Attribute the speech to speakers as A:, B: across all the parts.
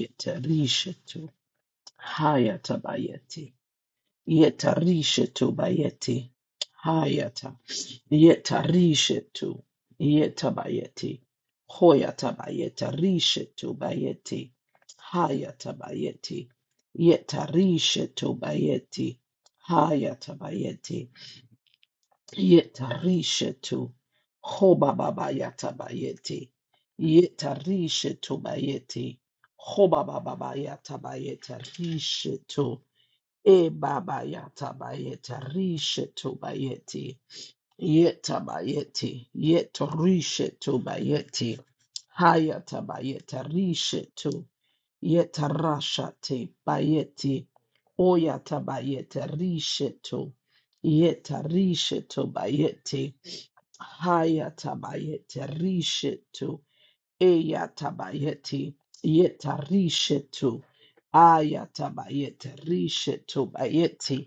A: Yetarishetu hayata bayeti. Yetarishetu bayeti. Hayata. Yetarishetu. Yetabayeti. Hoyata bayeta rishetu bayeti. Hayata bayeti. Yetarishetu bayeti. Hayata bayeti. Yetarishetu, xoba babaya tabayeti. Yetarishetu bayeti, xoba babaya tabayeta. Rishetu, e babaya tabayeta. Rishetu bayeti, yetabayeti, yetarishetu bayeti. Hayatabayeta rishetu, yetarashate bayeti. Oyatabayeta rishetu, yetarishetu bayeti. Hayatabayete rishetu. Eyatabayeti yeta rishetu. Ayatabayete rishetu bayeti.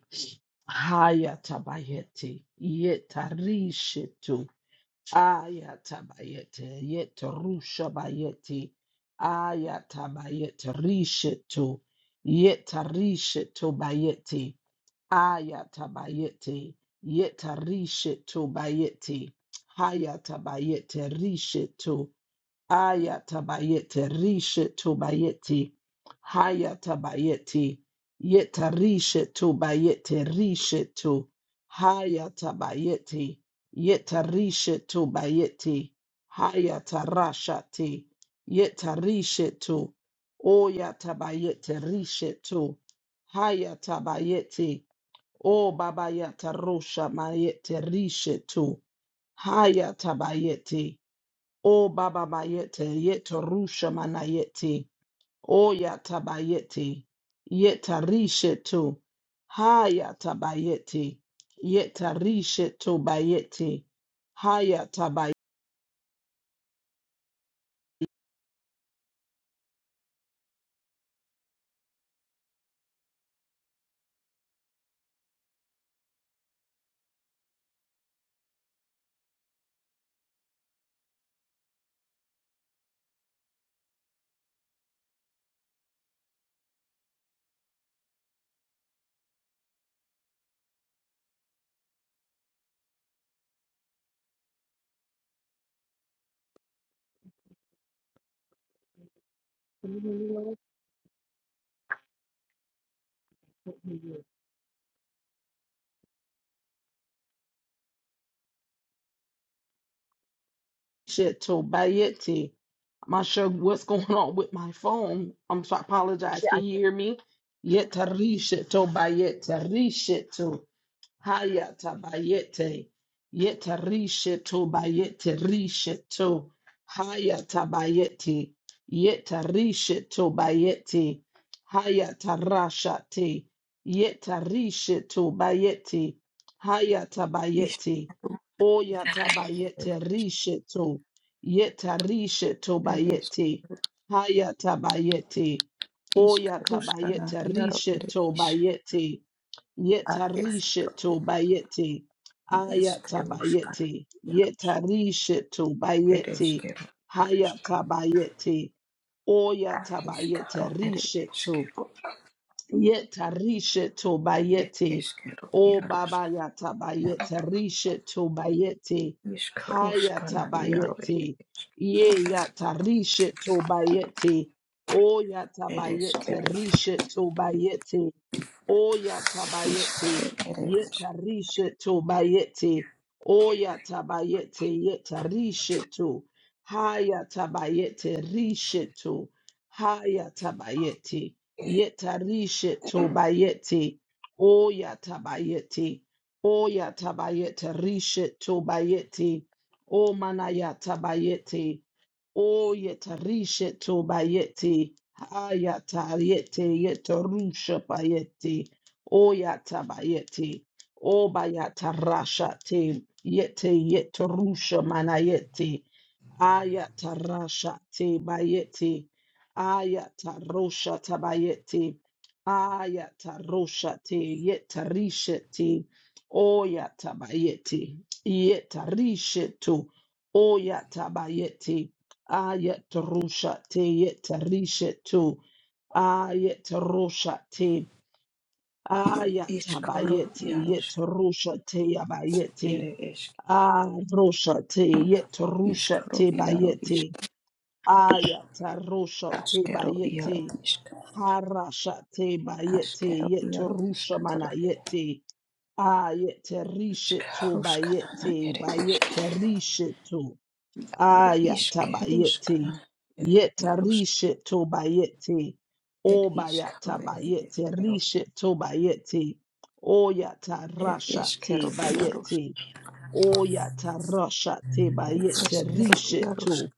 A: Hayatabayeti yeta rishetu. Ayatabayete yeta rusha bayeti. Ayatabayete rishetu. Yeta rishetu bayeti. Ayatabayete, yetarishetu bayete, hayatabayete rishetu, ayatabayete rishetu bayete, hayatabayete, yetarishetu bayete rishetu, hayatabayete, yetarishetu bayete, hayatarashate, yetarishetu, oyatabayete rishetu, hayatabayete, O Baba Yata Rosha Mayete Rishe Tu Haya Tabayete O Baba Bayete Yeta Rusha Manayete O Yata Bayete Yeta Rishe Tu Haya Tabayete Yeta Rishe Tu Bayete Haya Tabayete
B: Can you hear me, Lord?
A: Tu Bayete I'm not sure what's going on with my phone. I'm sorry, I apologize. Can you hear me? Yeta Rishe Tu Bayete Rishe Tu Hayata bayete. Yeta risheto bayete risheto. Hayata bayete. Yeta risheto bayete. Hayata rashate. Yeta risheto bayete. Hayata bayete. Oyata
C: Iskaro
A: bayete risheto. Yeta risheto
C: eres
A: bayete. Hayata bayete. Oyata
C: iskaruskana
A: bayete
C: iaro ere
A: risheto
C: isk
A: bayete.
C: ar es
A: Yetarishetu bayeti.
C: iskeruskana
A: Ayatabayeti.
C: iaros
A: Yetarishetu
C: ere
A: bayeti.
C: iskero iarosk
A: Hayatabayeti.
C: ar
A: Oyatabayete
C: iskaro ere
A: rishetu.
C: iskero
A: Yetarishetu
C: et
A: bayeti.
C: iskero
A: O baba
C: iarosk
A: yatabayete rishetu bayeti.
C: iskaruskana iaro ere
A: Hayatabayeti.
C: isk
A: Ye yatarishetu bayeti.
C: ere
A: Oyatabayete
C: iskero
A: rishetu bayeti. Oya tabayete,
C: iskero ere isk
A: yetarishe to bayete, oya tabayete, yetarishe to, haya tabayete, rishe to, haya tabayete, yetarishe to bayete, oya tabayete, oya tabayete, rishe to bayete, o manaya tabayete, O Oyeta risheto bayeti. Hayata yete yeto rusha bayeti. Oyata bayeti. o Obayata rasha te. Yete yeto rusha manayeti. Ayatarasha te bayete. Ayatarosha tabayete. Ayatarosha te yetarisha te. Oyatabayete. Yetarisha to. Oyatabayete. Ayatarosha te yetarisha to. Ayatarosha te.
C: iskaro
A: Ayatabayete.
C: iarosk
A: Yetarosha te yabayete.
C: ere isk
A: Arosha te yetarosha
C: iskaro
A: te
C: iaro
A: bayete.
C: isk
A: Ayata rosha te
C: askero iaro
A: bayete.
C: isk
A: Harasha te bayete.
C: askero
A: Yete
C: iaro
A: rusha mana
C: iskatoro
A: yete. Ayete rishe to
C: Ishkarushkanana
A: bayete.
C: ere ishke
A: Bayete rishe to.
C: ere
A: Ayata bayete.
C: ishkerushkanana ere
A: Yete
C: yarushk
A: rishe to bayete.
C: ere
A: O
C: ishkaru
A: bayata
C: ere
A: bayete.
C: ishkeru
A: Rishe to bayete. Oyata
C: ere
A: rasha
C: ishkeru
A: te
C: yarushk
A: bayete. Oyata rasha te
C: ere
A: bayete.
C: ishkeru
A: Rishe
C: yarushk
A: to.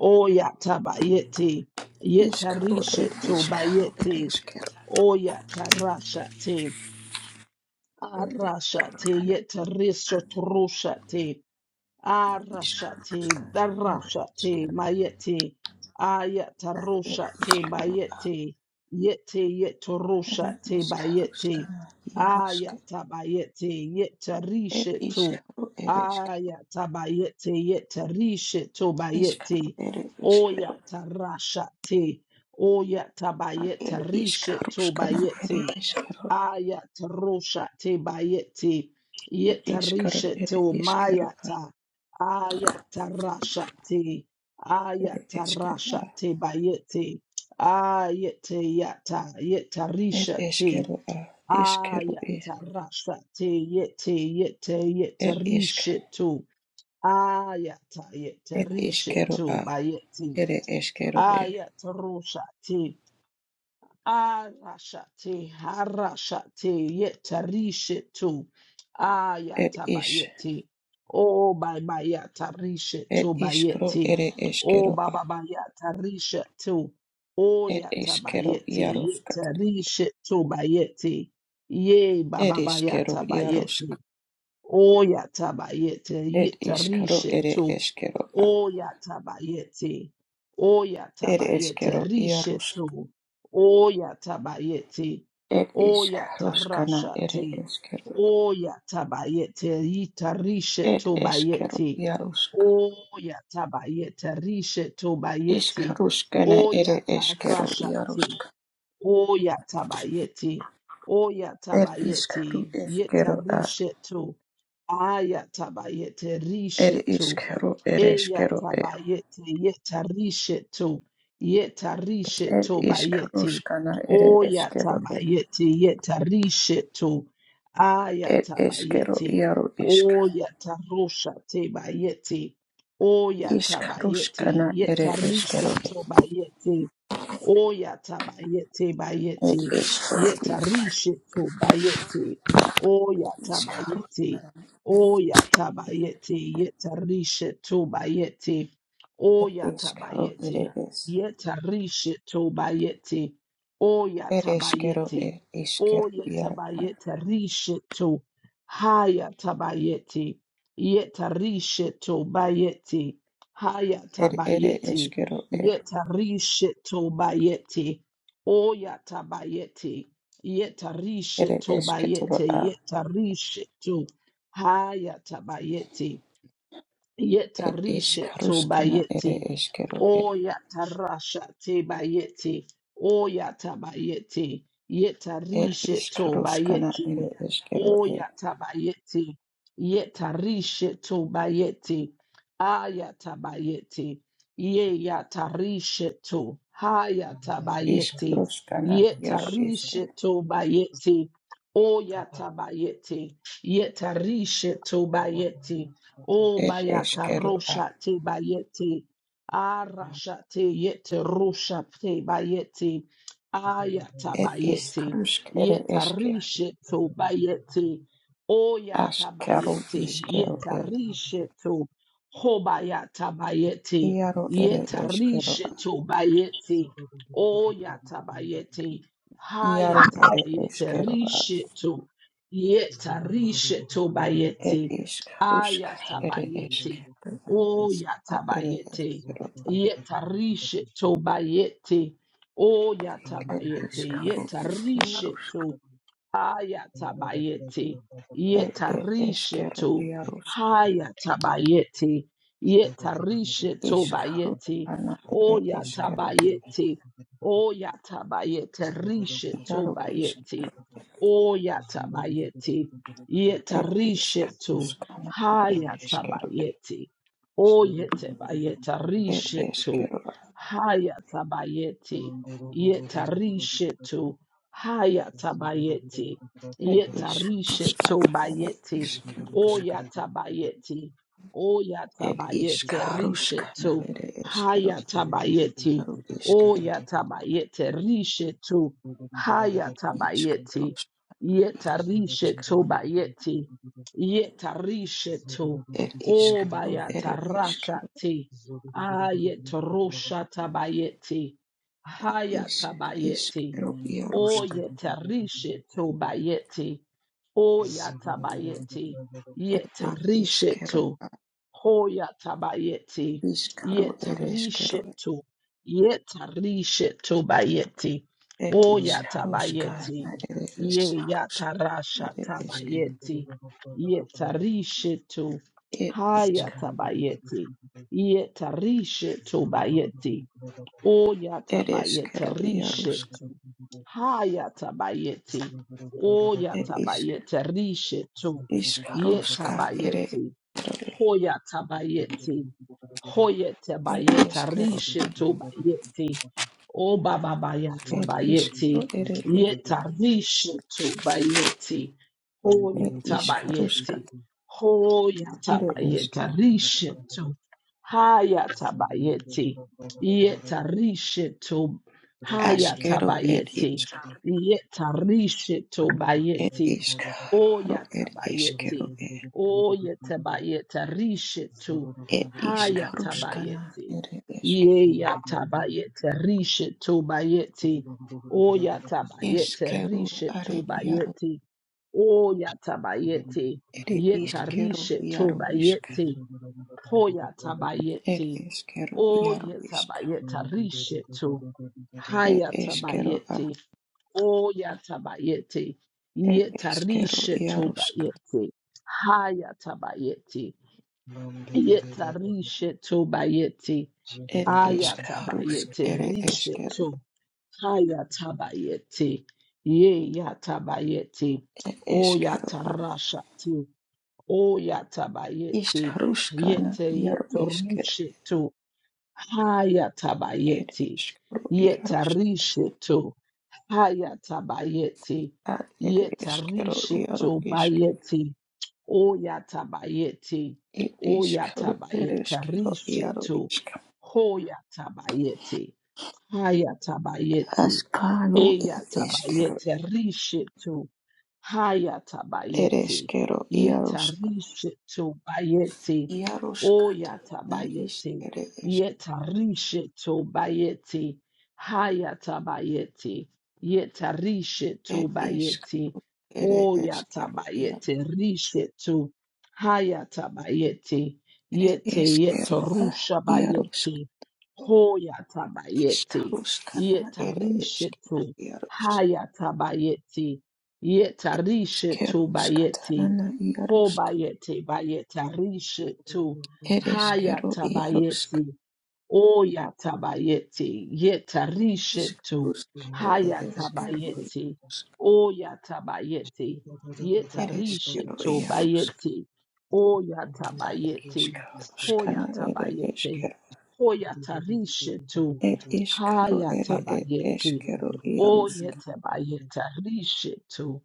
A: Oyata bayete,
C: ishkaru ere
A: yetarisheto
C: ishkaru ere
A: bayete,
C: ishkeru
A: oyata rashate,
C: ere
A: arashate, yetarishoto Arashati,
C: ishkarushkanana ere
A: Darashati,
C: ishkeru
A: Mayeti,
C: ere
A: Ayatarushati,
C: ishkeru
A: Bayeti, Yeti,
C: ere
A: Yetorushati, Bayeti,
C: ishkarushkanana yarushk
A: Ayatabayeti,
C: ere
A: Yetarishitu,
C: ishkaru ere ishk
A: Ayatabayeti, Yetarishitu,
C: ishkaru
A: Bayeti,
C: ere ishkeru
A: Oyatarashati, Oyatabayeti,
C: ere
A: Rishitu,
C: ishkarushkanana ere
A: Bayeti,
C: ishkeru
A: Ayatarosha te bayete.
C: Ed iskero,
A: Yetarisha
C: ed
A: te
C: iskero,
A: Mayata Ayat Ayatarasha te.
C: ed iskero,
A: Ayatarasha te bayete. ayat yata.
C: ed
A: Yetarisha te.
C: iskero, iskero,
A: Ayatarasha te yete yete
C: ed isk,
A: yetarisha to. Ayata
C: ed
A: yetarisha
C: iskero,
A: to bayete.
C: ed iskero,
A: Ayatarosha Arashate, harashate, yetarishetu,
C: ed is,
A: ayatabayeti, o
C: ed
A: babayatarishetu
C: iskro,
A: bayeti,
C: ed
A: o
C: iskero,
A: babayatarishetu, o
C: ed iskero,
A: yatabayeti,
C: jaroskat,
A: yetarishetu bayeti, ye
C: ed iskero, jarosk,
A: babayatabayeti, o yatabayeti,
C: ed iskaro, ed
A: yetarishetu
C: iskero,
A: Oyatabayete.
C: ed
A: Oyatabayete.
C: iskero, jarosk,
A: Rishetu. Oyatabayete.
C: ed iskroskana, ed
A: Oyatarashate.
C: iskero,
A: Oyatabayete. Yita
C: ed
A: rishetu
C: iskero,
A: bayete.
C: jarosk.
A: Oyatabayete. Rishetu bayete.
C: Ishkarushkana ere eshkero
A: Oyatarashate.
C: iarushk.
A: Oyatabayete.
C: Er ishkaru
A: Oyatabayete. Yeta
C: eshkero a.
A: rishetu. Ayatabayete.
C: Er
A: Rishetu.
C: ishkaru ere eshkero e.
A: Eyatabayete, yetarisheto,
C: Er
A: yetarisheto bayete,
C: ishkarushkana ere eshkero e.
A: oyatabayete, yetarisheto,
C: Er eshkero
A: ayatabayete,
C: iaru ishk.
A: oyataroshate bayete, oyatabayete,
C: Ishkarushkana ere eshkero e.
A: yetarisheto bayete, oyatabayete
C: Er
A: bayete,
C: eshkero ish.
A: yetarisheto bayete,
C: Ishkaru
A: oyatabayete, Oya tabayete yetarishe tobayete.
C: er
A: Oya
C: eshkero ere
A: tabayete
C: es.
A: yetarishe tobayete. Oya
C: Er eshkero
A: tabayete.
C: e. Ishkero
A: Oya
C: iaru a.
A: tabayete rishe to. Haya tabayete. Yetarishe tobayete. Haya
C: Er ere
A: tabayete.
C: eshkero e.
A: Yetarishe tobayete. Oya tabayete.
C: Ere
A: Yetarishe to
C: eshketoro
A: bayeti,
C: a.
A: Yetarishe to. Hayatabayeti.
C: Er
A: Yetarishe to
C: ishkarushkana ere
A: bayeti.
C: eshkero e.
A: O yatarasha te bayeti. O yatabayeti.
C: Er
A: Yetarishe to
C: iskaruskana
A: bayeti.
C: ere eskero
A: O
C: e.
A: yatabayeti. Yetarishe to bayeti. Ayatabayeti. Ye yatarishe to. Hayatabayeti.
C: Iskaruskana yaro eske.
A: Yetarishe to bayeti. O yatabayeti. Yetarishe to bayeti. O
C: Er
A: bayata
C: eskero a.
A: rosha te bayete. Arasha te yete rosha te bayete. Ayata
C: Er
A: bayete.
C: iskarusk ere
A: Yeta
C: eske.
A: rishe to bayete. Oyata
C: Askaro
A: bayete.
C: iskero
A: Yeta
C: e.
A: rishe to. Hobayata bayete.
C: Iaro ere
A: Yeta
C: eskero a.
A: rishe to bayete. Oyata bayete.
C: Iaro
D: Zugu
A: Hayata
C: ere
A: bayete.
C: eskero a.
A: Rishe to. Yeta rishe to
C: Er
A: bayete.
C: iskarusk ere eske.
A: Ayatabayete.
C: Er
A: O
C: iskaro ere
A: yatabayete.
C: eskero a.
A: Yetarishe tobayete. O
C: Er
A: yatabayete.
C: iskaro ere
A: Yetarishe
C: iarusk.
A: Hayatabayeti.
C: Er er eskero
A: Yetarishetu.
C: iarusk.
A: Hayatabayeti. Yetarishetu bayeti.
C: Iskaruskana ere
D: Thank
C: eskero e.
A: Oyatabayeti. Oyatabayete rishetu
C: Iaro
A: bayeti. Oyatabayeti.
C: It is
A: Yetarishetu.
C: Karuskana, it is Kero,
A: Hayatabayeti. Oyetabayeta
C: it is
A: rishetu.
C: Kero,
A: Hayatabayeti. Yetarishetu. Hayatabayeti.
C: it is
A: Yetarishe
C: Karuskana, it
A: tobayeti.
C: is Kero,
A: Oyatabayeti.
C: it is
A: Oyatabayete rishe
C: Karuskana,
A: to.
C: it is Kero,
A: Hayatabayeti.
C: Karu is Kero,
A: Oyatabayete rishe to.
C: is
A: Hayatabayeti.
C: Karusk,
A: Yetarishe
C: Yarusk,
A: tobayeti. Yetarishe to.
C: it is Karu,
D: you.
C: it is
A: Obayatarasha
C: Kero,
A: te.
D: Zulu
A: Ayetorosha tabayeti.
C: is, is
A: Hayatabayeti.
C: Kero,
A: O
C: Yarusk,
A: yetarishe to bayeti. O yatabayeti.
C: it is
A: Yetarishe
C: Kero,
A: to. Ho yatabayeti.
C: is Karu, it is
A: Yetarishe
C: Kero,
A: to. Yetarishe to bayeti.
C: it
A: O
C: is
A: yatabayeti.
C: Karuskana, it
A: Ye
C: is Harusk,
A: yatarasha
C: it is Kero,
A: tabayeti. Yetarishe to.
C: it is
A: Hayatabayeti. Yetarishe to bayeti. O
C: Kero, it is
A: yatabayete
C: Kero,
A: rishetu. Hayatabayete. O
C: It is
A: yatabayete rishetu.
C: Iskarovska ere
A: Yetabayete. Hoyatabayete. Hoyetabayete
C: Iskarovska
A: rishetu bayete. O
C: ere
A: bababayatabayete.
C: Karo ere Karo ere
A: Yeta
C: Iske
A: rishetu bayete.
D: Zulu
C: It is Karuska
A: Hoyatabayete.
C: ere
A: Hoyatabayete
C: Iske
A: rishetu. Hayatabayete. Yetarisheto
C: Askero it
A: hayatabayeti.
C: is
A: Yetarisheto
C: It
A: bayeti.
C: is
A: O
C: Karo ere Iskero
A: yatabayeti. O yetabayeta risheto
C: It is Karuskana
A: hayatabayeti.
C: ere Iske
A: Ye yatabayeta risheto bayeti. O yatabayeta
C: Iskero are
A: risheto
C: Yaro
A: bayeti. O yatabayeti.
C: Ere Iskero
A: Yetarisheto
C: Yaro Iska
A: bayeti. Hoya
C: It
A: tabayeti.
C: is Kero
A: O
C: Yaro Iska
A: yetabayeta rishetu.
C: It
A: Haya
C: is Kero
A: tabayeti. O yatabayeti.
C: It
A: Yeta
C: is Kero
A: rishetu bayeti. Haya tabayeti. Yeta rishetu bayeti.
C: Ed
A: Aya
C: ishkarusk
A: tabayeti.
C: ere eskero,
A: Rishetu. Haya tabayeti. Ye yatabayeti.
C: ed
A: O
C: eskero a
A: yatarashatu. O yatabayeti.
C: ishkaruskana
A: Yete
C: iaru
A: yeto
C: eskero,
A: rishetu.
C: ed
A: Hayatabayeti.
C: iskaru iarusk
A: Yetarisheto. Hayatabayeti.
C: ad ed eskero iaru
A: Yetarisheto
C: isk,
A: bayeti. Oyatabayeti.
C: ed iskaru ed
A: Oyatabayeta
C: eskero iaru
A: risheto.
C: isk,
A: Hoyatabayeti. Hayatabayeti.
C: askano ed eskero,
A: Eyatabayete risheto.
C: ed
A: Hayatabayeti.
C: eskero iarusk,
A: Yetarisheto bayeti.
C: iaruskat na isk
A: Oyatabayeti.
C: ere esk,
A: Yetarisheto bayeti. Hayatabayeti. Yetarisheto
C: ed isk
A: bayeti.
C: ere eskero iaru,
A: Oyatabayeti. Risheto. Hayatabayeti.
C: ed
A: Yete
C: eskero a
A: yetorusha
C: iarusk.
A: bayeti. Hoyatabayeti.
C: Iškaruskana ere
A: Yetarisheto.
C: eskero iarus.
A: Hayatabayeti. Yetarishetu bayeti.
C: Iskeruskatanana
A: Ho
C: iarusk.
A: bayeti
D: Mandiri
A: bayetarishetu.
C: Ere eskero
A: Hayata
C: iarusk.
A: bayeti. O yatabayete, yetarishetu,
C: Iskarusk ere eskero
A: hayatabayete,
C: iarusk.
A: o yatabayete,
C: Ere eskero
A: yetarishetu
C: iarusk.
A: bayete, o
C: Ad
A: yatabayete,
C: iskaruskana ere
A: hoyatabayete,
C: eskero.
A: hoyatarishetu,
C: Et iskaru ere et
A: hayatabayete,
C: eskero
A: o
C: iarusk.
A: yetabayetarishetu,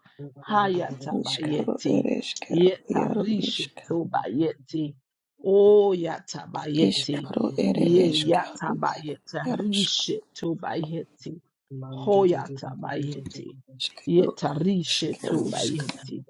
C: Iskaru
A: hayatabayete,
C: ere eskero iaru isk.
A: yetarishetu bayete, o yatabayete,
C: Iskaru ere
A: Ye yata
C: eskaru ad
A: yatabayeta
C: iarusk.
A: rishe tobayeti. Hoyatabayeti.
C: Iskaru
A: Yetarishe
C: iskerusk.
A: tobayeti.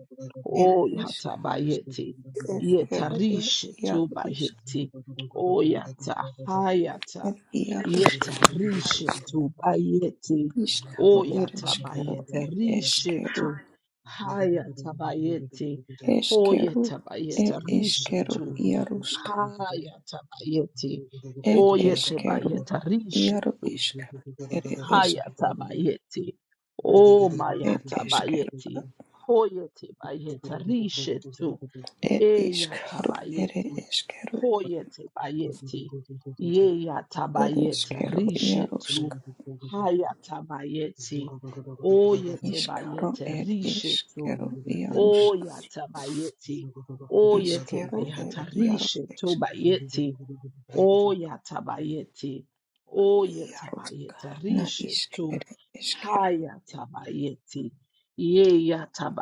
C: Ere isk.
A: Oyatabayeti.
C: Eskero ed
A: Yetarishe
C: iaro isker
A: tobayeti. Oyata bayeti.
C: iaro
A: Yeta rishe to bayeti. Oyata hayata. Yetarishe tobayeti.
D: Zugu
C: iskaro ed eskero
A: Oyatabayeta
C: ed
A: rishe
C: eskero
A: to hayatabayeti.
C: eskero
A: Hoyatabayeta
C: ed
A: rishe
C: eskero
A: to.
C: iarusk
A: Hayatabayeti.
C: ed eskero iaro
A: Oyetabayetarishetu.
C: iskar ed esk
A: Hayatabayeti. O
C: ed eskero
A: mayatabayeti.
C: at
A: Hoyetabayetarishetu.
C: ed iskaro ed
A: Eyatabayeti.
C: eskero
A: Hoyete bayeti.
C: ed
A: Yeyatabayeti.
C: eskero iarusk
A: Rishetu. Hayatabayeti. Oyete
C: iskaro
A: bayeti.
C: ed
A: Rishetu.
C: eskero iarusk
A: Oyatabayeti. Oyete
C: iskero ed
A: bayata.
C: iaro
A: Rishetu
C: isk
A: bayeti. O yatabayeti. O
C: iarusk
A: yatabayeta.
C: na
A: Rishe
C: isker
A: to.
C: ed
A: Hayatabayeti. Ye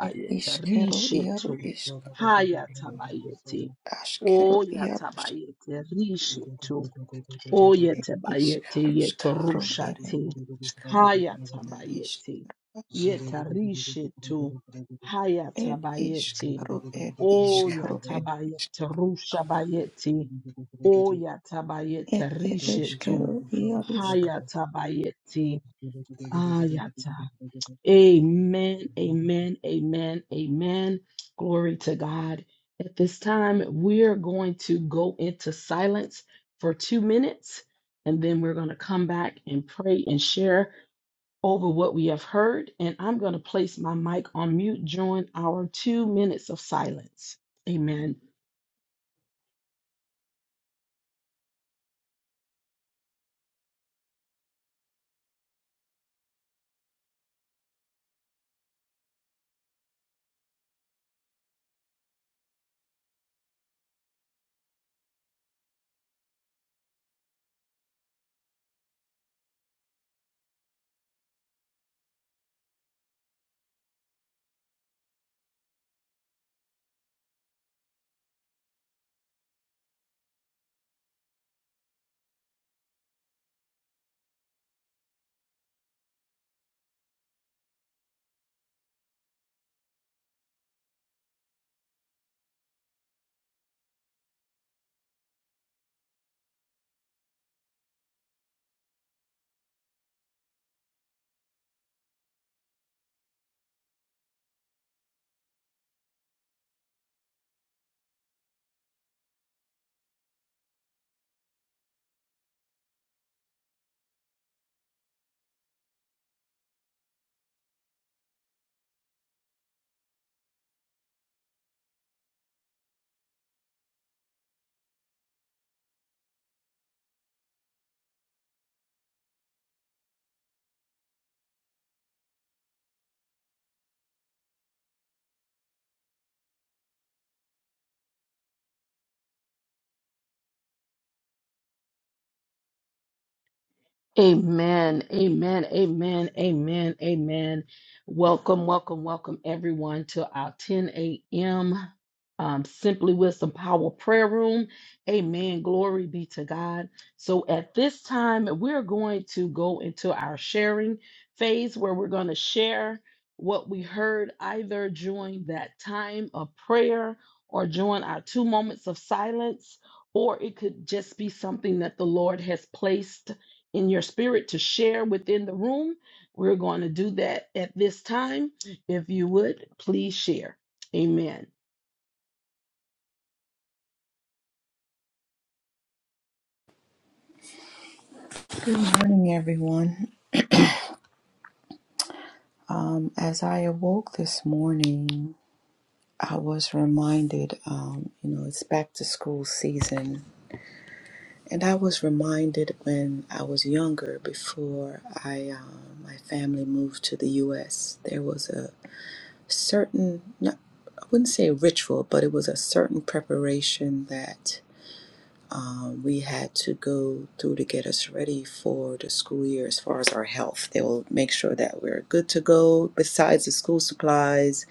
C: El isquero
A: Rishe
C: hierro
A: to.
C: isc,
D: Thank
A: Hayatabayeti. O
C: asquero hierros
A: yatabayete. Rishe to. O yatabayete.
C: iscaruscaro el
A: Yetarushate.
C: iscaro isc,
A: Hayatabayeti. Yetarishe to.
C: el
A: Hayatabayeti.
C: iscaro el
A: O
C: iscaro el isc,
A: yatabayete. Rushabayeti.
C: el
A: Oyatabayete Rishetu
C: isquero hierrosc.
A: Hayatabayeti Ayata.
D: you.
A: Amen, amen, amen, amen. Glory to God. At this time, we're going to go into silence for two minutes, and then we're going to come back and pray and share over what we have heard. And I'm going to place my mic on mute during our two minutes of silence. Amen. Amen, amen, amen, amen, amen. Welcome, welcome, welcome everyone to our 10 a.m. Um, Simply Wisdom Power Prayer Room. Amen. Glory be to God. So at this time, we're going to go into our sharing phase where we're going to share what we heard either during that time of prayer or during our two moments of silence, or it could just be something that the Lord has placed in your spirit to share within the room. We're going to do that at this time. If you would, please share. Amen.
C: Good morning, everyone. Um, as I awoke this morning, I was reminded, um, you know, it's back to school season. And I was reminded when I was younger, before I, um, my family moved to the U.S., there was a certain no, I wouldn't say a ritual, but it was a certain preparation that um, we had to go through to get us ready for the school year as far as our health. They will make sure that we're good to go. Besides the school supplies,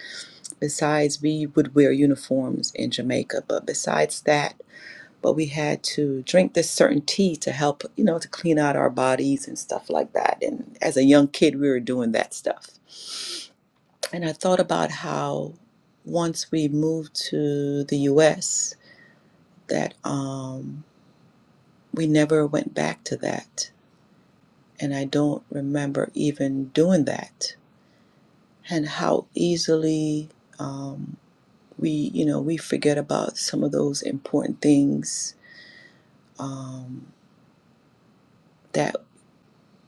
C: besides we would wear uniforms in Jamaica, but besides that, but we had to drink this certain tea to help, you know, to clean out our bodies and stuff like that. And as a young kid, we were doing that stuff. And I thought about how once we moved to the US, that um, we never went back to that. And I don't remember even doing that. And how easily um, we, you know, we forget about some of those important things um, that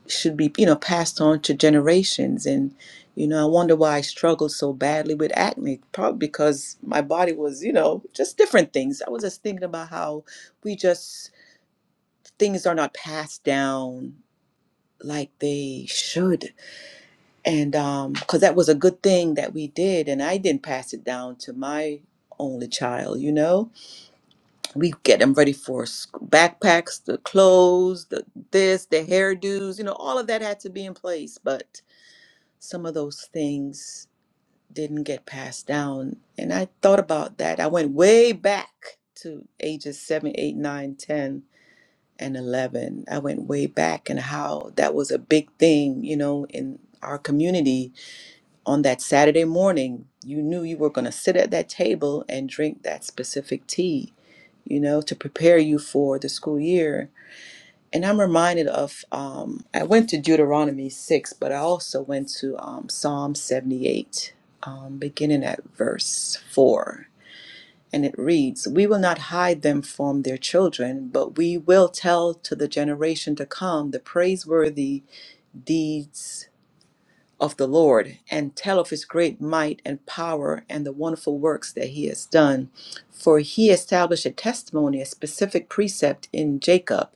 C: should be you know passed on to generations and you know i wonder why i struggled so badly with acne probably because my body was you know just different things i was just thinking about how we just things are not passed down like they should and um because that was a good thing that we did and i didn't pass it down to my only child you know we get them ready for sc- backpacks the clothes the this the hairdos you know all of that had to be in place but some of those things didn't get passed down. And I thought about that. I went way back to ages 7, 8, 9, 10, and 11. I went way back and how that was a big thing, you know, in our community on that Saturday morning. You knew you were going to sit at that table and drink that specific tea, you know, to prepare you for the school year and I'm reminded of, um, I went to Deuteronomy 6, but I also went to um, Psalm 78, um, beginning at verse 4. And it reads, We will not hide them from their children, but we will tell to the generation to come the praiseworthy deeds of the Lord and tell of his great might and power and the wonderful works that he has done. For he established a testimony, a specific precept in Jacob,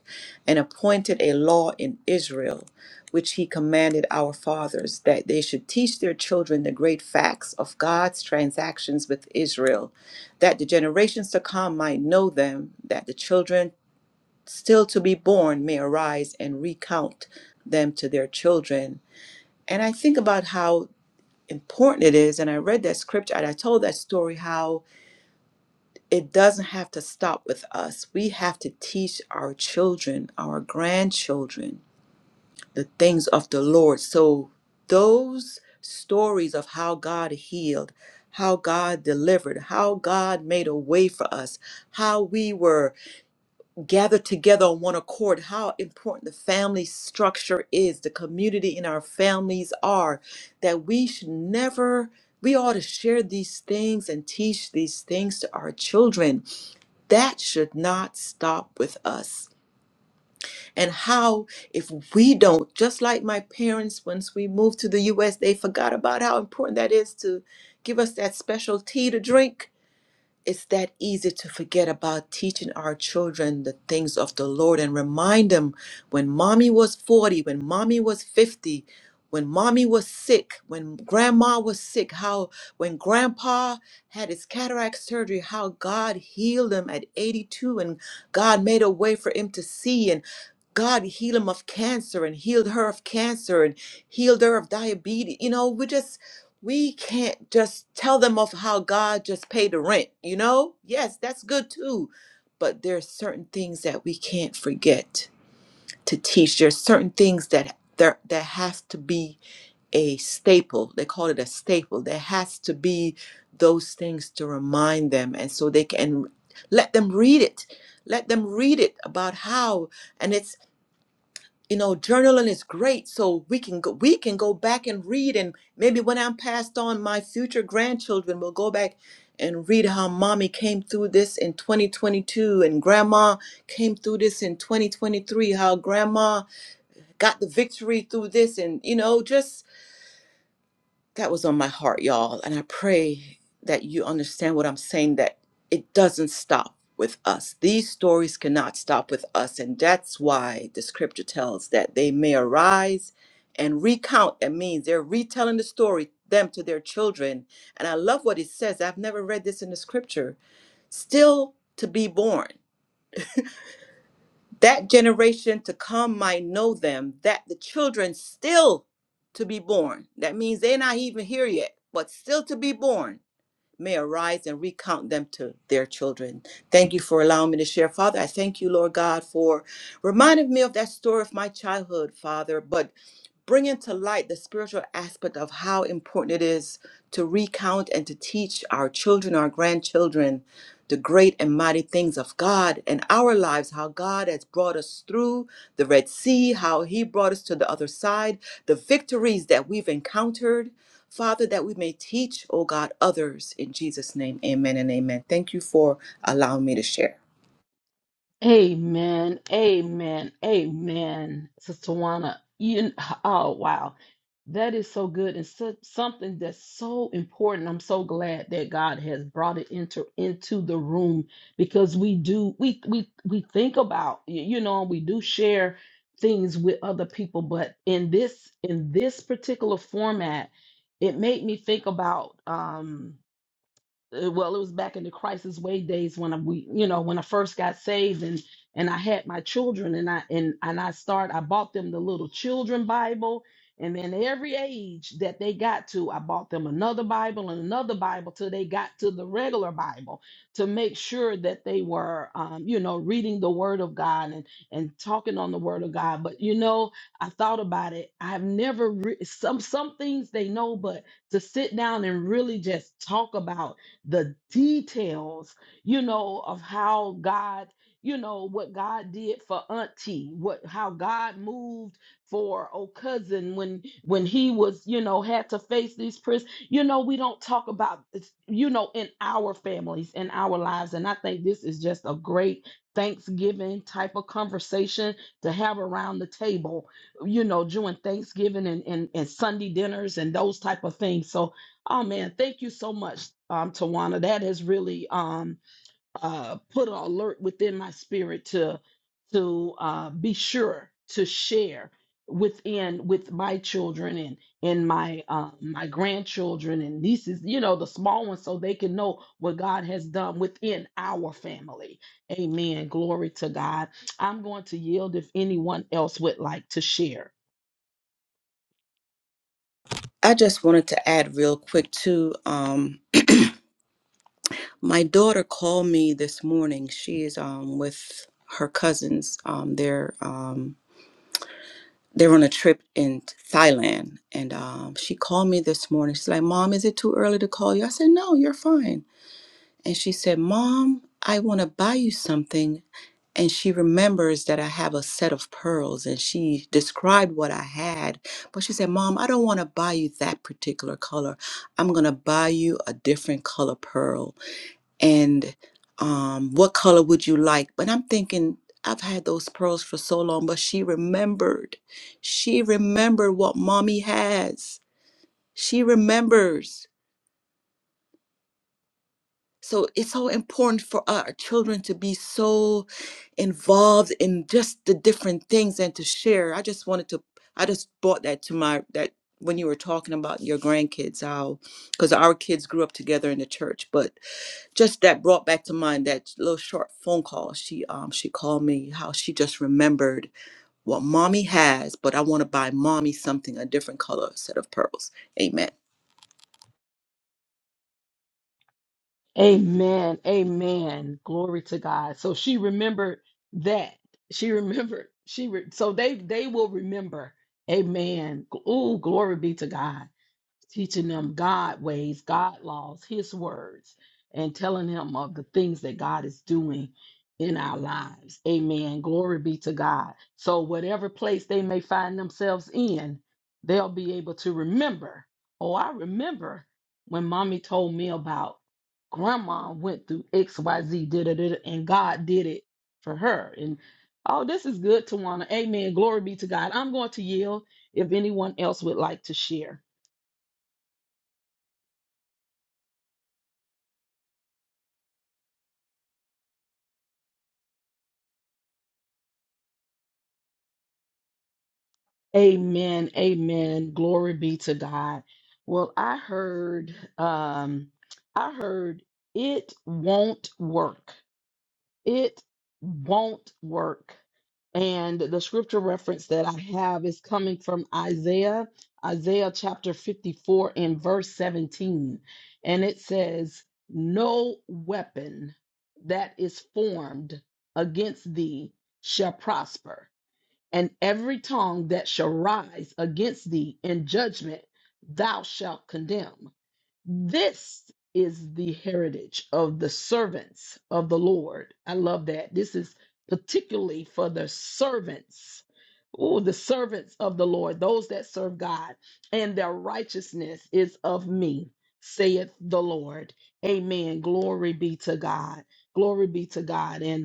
C: and appointed a law in Israel, which he commanded our fathers, that they should teach their children the great facts of God's transactions with Israel, that the generations to come might know them, that the children still to be born may arise and recount them to their children. And I think about how important it is. And I read that scripture and I told that story how it doesn't have to stop with us. We have to teach our children, our grandchildren, the things of the Lord. So those stories of how God healed, how God delivered, how God made a way for us, how we were Gathered together on one accord how important the family structure is the community in our families are that we should never we ought to share these things and teach these things to our children that should not stop with us and how if we don't just like my parents once we moved to the US they forgot about how important that is to give us that special tea to drink it's that easy to forget about teaching our children the things of the Lord and remind them when mommy was 40, when mommy was 50, when mommy was sick, when grandma was sick, how when grandpa had his cataract surgery, how God healed him at 82 and God made a way for him to see and God healed him of cancer and healed her of cancer and healed her of diabetes. You know, we just we can't just tell them of how God just paid the rent, you know? Yes, that's good too. But there are certain things that we can't forget to teach. There's certain things that there that has to be a staple. They call it a staple. There has to be those things to remind them and so they can let them read it. Let them read it about how and it's you know journaling is great so we can go we can go back and read and maybe when i'm passed on my future grandchildren will go back and read how mommy came through this in 2022 and grandma came through this in 2023 how grandma got the victory through this and you know just that was on my heart, y'all. And I pray that you understand what I'm saying that it doesn't stop with us. These stories cannot stop with us. And that's why the scripture tells that they may arise and recount. That means they're retelling the story, them to their children. And I love what it says. I've never read this in the scripture. Still to be born that generation to come might know them, that the children still to be born, that means they're not even here yet, but still to be born, may arise and recount them to their children. Thank you for allowing me to share. Father, I thank you, Lord God, for reminding me of that story of my childhood, Father. But bringing to light the spiritual aspect of how important it is to recount and to teach our children, our grandchildren, the great and mighty things of God and our lives, how God has brought us through the Red Sea, how He brought us to the other side, the victories that we've encountered. Father, that we may teach, oh God, others in Jesus' name. Amen and amen. Thank you for allowing me to share.
A: Amen. Amen. Amen. Sister Juana, you, oh, wow. That is so good and so, something that's so important. I'm so glad that God has brought it into into the room because we do we we we think about y- you know we do share things with other people, but in this in this particular format, it made me think about um uh, well, it was back in the crisis way days when I, we, you know, when I first got saved and and I had my children and I and and I started I bought them the little children Bible and then every age that they got to I bought them another Bible and another Bible till they got to the regular Bible to make sure that they were um, you know reading the Word of God and and talking on the Word of God. But you know I thought about it. I've never re- some some things they know, but to sit down and really just talk about the details, you know, of how God, you know, what God did for Auntie, what how God moved for old cousin when when he was, you know, had to face these prison. You know, we don't talk about this, you know, in our families, in our lives. And I think this is just a great Thanksgiving type of conversation to have around the table, you know, during Thanksgiving and, and, and Sunday dinners and those type of things. So Oh man, thank you so much, um, Tawana. That has really um, uh, put an alert within my spirit to to uh, be sure to share within with my children and and my uh, my grandchildren and nieces, you know, the small ones, so they can know what God has done within our family. Amen. Glory to God. I'm going to yield if anyone else would like to share.
C: I just wanted to add real quick too. Um, My daughter called me this morning. She is um with her cousins. Um they're um they're on a trip in Thailand and um she called me this morning. She's like, "Mom, is it too early to call you?" I said, "No, you're fine." And she said, "Mom, I want to buy you something." And she remembers that I have a set of pearls and she described what I had. But she said, Mom, I don't want to buy you that particular color. I'm going to buy you a different color pearl and um, what color would you like? But I'm thinking, I've had those pearls for so long, but she remembered. She remembered what mommy has. She remembers. So it's so important for our children to be so involved in just the different things and to share. I just wanted to, I just brought that to my, that when you were talking about your grandkids, how, because our kids grew up together in the church, but just that brought back to mind that little short phone call she um she called me how she just remembered what mommy has but i want to buy mommy something a different color set of pearls amen
A: Amen. Amen. Glory to God. So she remembered that. She remembered. She re- so they they will remember. Amen. Oh, glory be to God teaching them God ways, God laws, His words, and telling them of the things that God is doing in our lives. Amen. Glory be to God. So, whatever place they may find themselves in, they'll be able to remember. Oh, I remember when mommy told me about grandma went through XYZ, da da da, da, and God did it for her. And oh, this is good, Tawana. Amen. Glory be to God. I'm going to yield if anyone else would like to share. Amen. Amen. Glory be to God. Well, I heard um I heard it won't work. It won't work. And the scripture reference that I have is coming from Isaiah, Isaiah chapter 54 and verse 17. And it says, "No weapon that is formed against thee shall prosper." and every tongue that shall rise against thee in judgment thou shalt condemn. This is the heritage of the servants of the Lord. I love that. This is particularly for the servants. Oh, the servants of the Lord, those that serve God, and their righteousness is of me, saith the Lord. Amen. Glory be to God. Glory be to God. And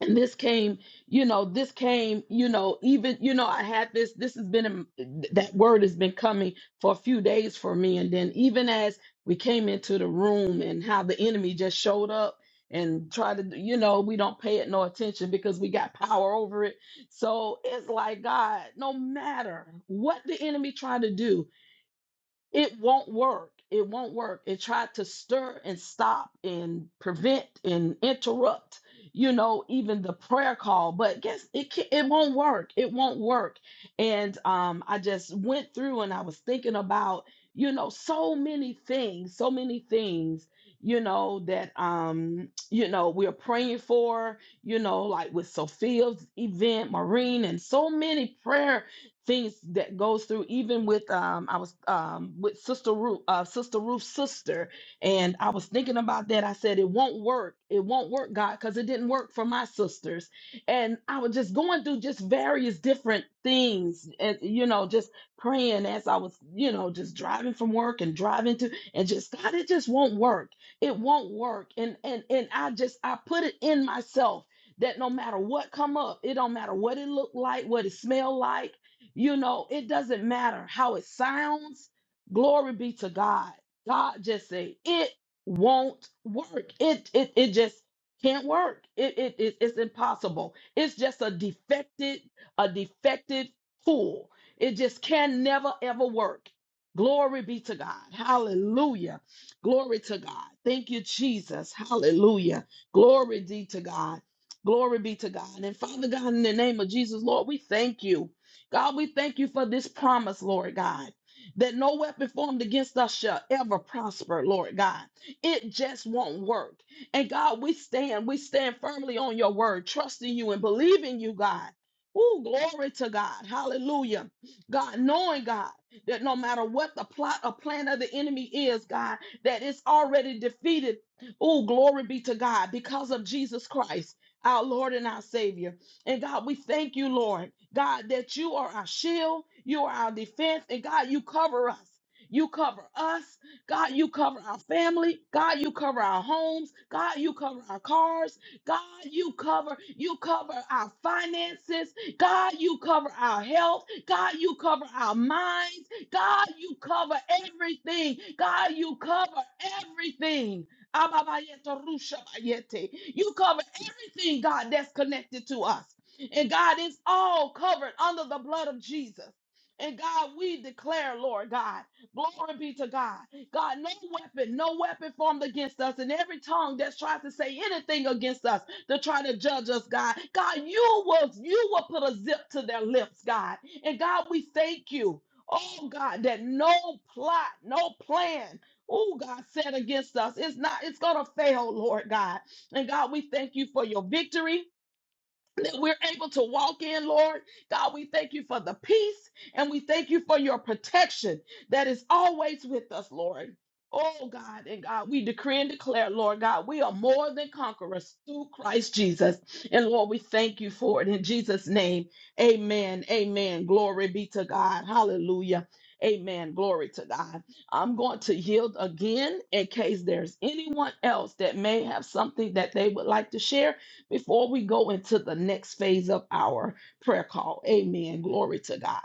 A: and this came you know this came you know even you know i had this this has been in- that word has been coming for a few days for me and then even as we came into the room and how the enemy just showed up and tried to you know we don't pay it no attention because we got power over it so it's like god no matter what the enemy tried to do it won't work. It won't work. It tried to stir and stop and prevent and interrupt, you know, even the prayer call. But guess it can, it won't work. It won't work. And um, I just went through and I was thinking about, you know, so many things, so many things, you know, that um, you know, we're praying for, you know, like with Sophia's event, Maureen, and so many prayer things that goes through even with um i was um with sister ruth uh sister ruth's sister and i was thinking about that i said it won't work it won't work god because it didn't work for my sisters and i was just going through just various different things and you know just praying as i was you know just driving from work and driving to and just god it just won't work it won't work and and and i just i put it in myself that no matter what come up it don't matter what it looked like what it smelled like you know, it doesn't matter how it sounds. Glory be to God. God just say it won't work. It it it just can't work. It it, it it's impossible. It's just a defected a defected tool. It just can never ever work. Glory be to God. Hallelujah. Glory to God. Thank you, Jesus. Hallelujah. Glory be to God. Glory be to God. And Father God, in the name of Jesus, Lord, we thank you. God, we thank you for this promise, Lord God. That no weapon formed against us shall ever prosper, Lord God. It just won't work. And God, we stand, we stand firmly on your word, trusting you and believing you, God. Ooh, glory to God. Hallelujah. God, knowing God, that no matter what the plot or plan of the enemy is, God, that it's already defeated. Ooh, glory be to God because of Jesus Christ, our Lord and our Savior. And God, we thank you, Lord, God, that you are our shield, you are our defense, and God, you cover us. You cover us. God, you cover our family. God, you cover our homes. God, you cover our cars. God, you cover, you cover our finances. God, you cover our health. God, you cover our minds. God, you cover everything. God, you cover everything. Ababayete, rushabayete. You cover everything, God, that's connected to us. And God, it's all covered under the blood of Jesus. And God, we declare, Lord God, glory be to God. God, no weapon, no weapon formed against us, and every tongue that's tries to say anything against us to try to judge us, God. God, you will you will put a zip to their lips, God. And God, we thank you. Oh God, that no plot, no plan, oh God, set against us. It's not, it's gonna fail, Lord God. And God, we thank you for your victory that we're able to walk in, Lord. God, we thank you for the peace and we thank you for your protection that is always with us, Lord. Oh God, and God, we decree and declare, Lord God, we are more than conquerors through Christ Jesus. And Lord, we thank you for it in Jesus' name. Amen. Amen. Glory be to God. Hallelujah. Amen. Glory to God. I'm going to yield again in case there's anyone else that may have something that they would like to share before we go into the next phase of our prayer call. Amen. Glory to God.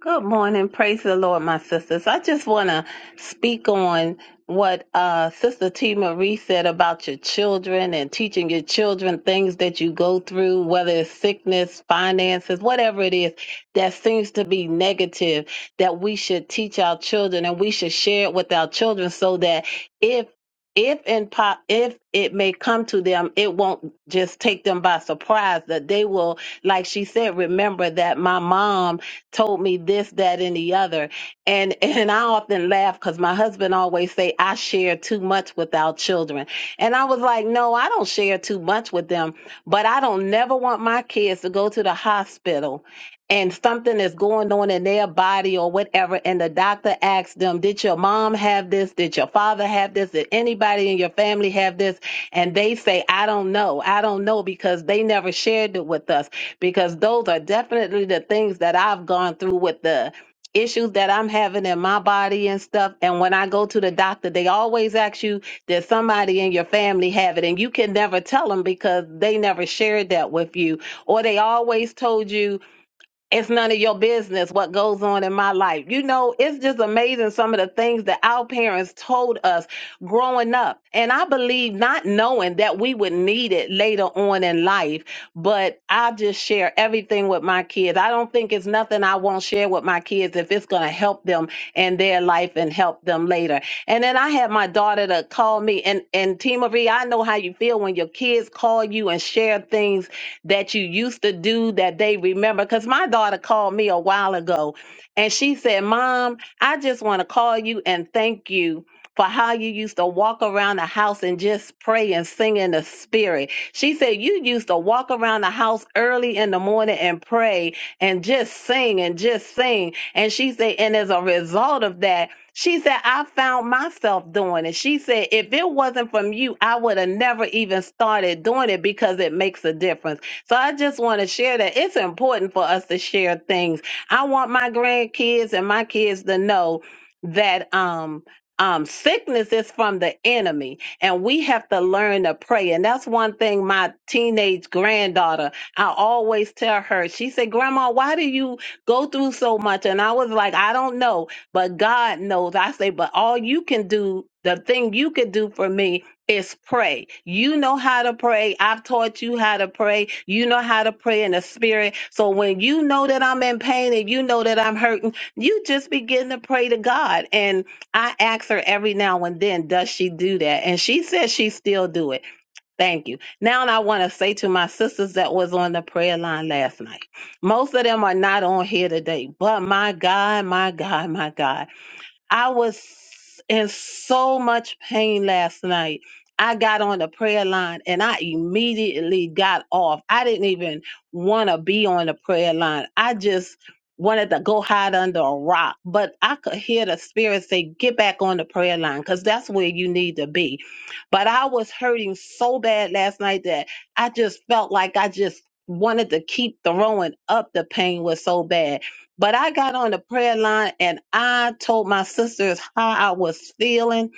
E: Good morning. Praise the Lord, my sisters. I just want to speak on what uh, Sister T. Marie said about your children and teaching your children things that you go through, whether it's sickness, finances, whatever it is that seems to be negative, that we should teach our children and we should share it with our children so that if if and po- if it may come to them, it won't just take them by surprise. That they will, like she said, remember that my mom told me this, that, and the other. And and I often laugh because my husband always say I share too much with our children. And I was like, no, I don't share too much with them, but I don't never want my kids to go to the hospital and something is going on in their body or whatever and the doctor asks them did your mom have this did your father have this did anybody in your family have this and they say i don't know i don't know because they never shared it with us because those are definitely the things that I've gone through with the issues that I'm having in my body and stuff. And when I go to the doctor, they always ask you, does somebody in your family have it? And you can never tell them because they never shared that with you. Or they always told you, it's none of your business what goes on in my life. You know, it's just amazing some of the things that our parents told us growing up. And I believe not knowing that we would need it later on in life, but I just share everything with my kids. I don't think it's nothing I won't share with my kids if it's going to help them in their life and help them later. And then I had my daughter to call me and and T Marie, I know how you feel when your kids call you and share things that you used to do that they remember. Because my daughter called me a while ago and she said, Mom, I just want to call you and thank you. For how you used to walk around the house and just pray and sing in the spirit. She said, You used to walk around the house early in the morning and pray and just sing and just sing. And she said, And as a result of that, she said, I found myself doing it. She said, if it wasn't from you, I would have never even started doing it because it makes a difference. So I just want to share that it's important for us to share things. I want my grandkids and my kids to know that um um sickness is from the enemy and we have to learn to pray and that's one thing my teenage granddaughter i always tell her she said grandma why do you go through so much and i was like i don't know but god knows i say but all you can do the thing you could do for me is pray. You know how to pray. I've taught you how to pray. You know how to pray in the spirit. So when you know that I'm in pain and you know that I'm hurting, you just begin to pray to God. And I ask her every now and then, does she do that? And she says she still do it. Thank you. Now I want to say to my sisters that was on the prayer line last night. Most of them are not on here today, but my God, my God, my God. I was in so much pain last night. I got on the prayer line and I immediately got off. I didn't even want to be on the prayer line. I just wanted to go hide under a rock. But I could hear the spirit say, Get back on the prayer line because that's where you need to be. But I was hurting so bad last night that I just felt like I just wanted to keep throwing up. The pain was so bad. But I got on the prayer line and I told my sisters how I was feeling.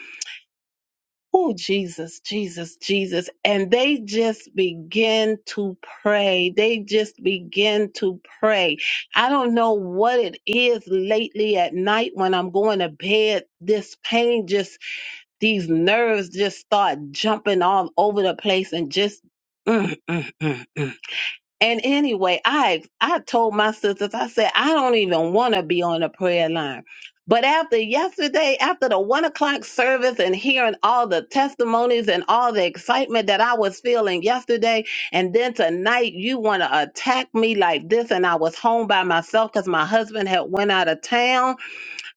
E: Oh, Jesus, Jesus, Jesus. And they just begin to pray. They just begin to pray. I don't know what it is lately at night when I'm going to bed. This pain just, these nerves just start jumping all over the place and just. mm, mm, mm, mm. And anyway, I I told my sisters, I said, I don't even want to be on a prayer line. But after yesterday, after the one o'clock service and hearing all the testimonies and all the excitement that I was feeling yesterday, and then tonight you want to attack me like this, and I was home by myself because my husband had went out of town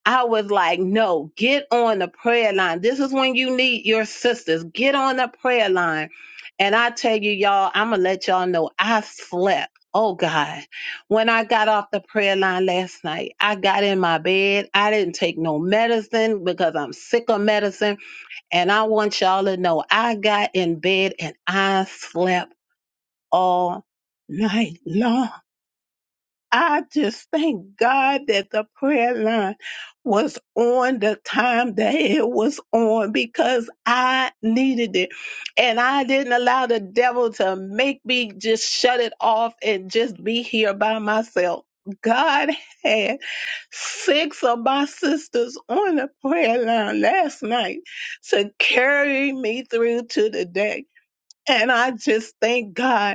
E: I was like, no, get on the prayer line. This is when you need your sisters. Get on the prayer line. And I tell you, y'all, I'm going to let y'all know I slept. Oh, God. When I got off the prayer line last night, I got in my bed. I didn't take no medicine because I'm sick of medicine. And I want y'all to know I got in bed and I slept all night long. I just thank God that the prayer line was on the time that it was on because I needed it. And I didn't allow the devil to make me just shut it off and just be here by myself. God had six of my sisters on the prayer line last night to carry me through to the day. And I just thank God.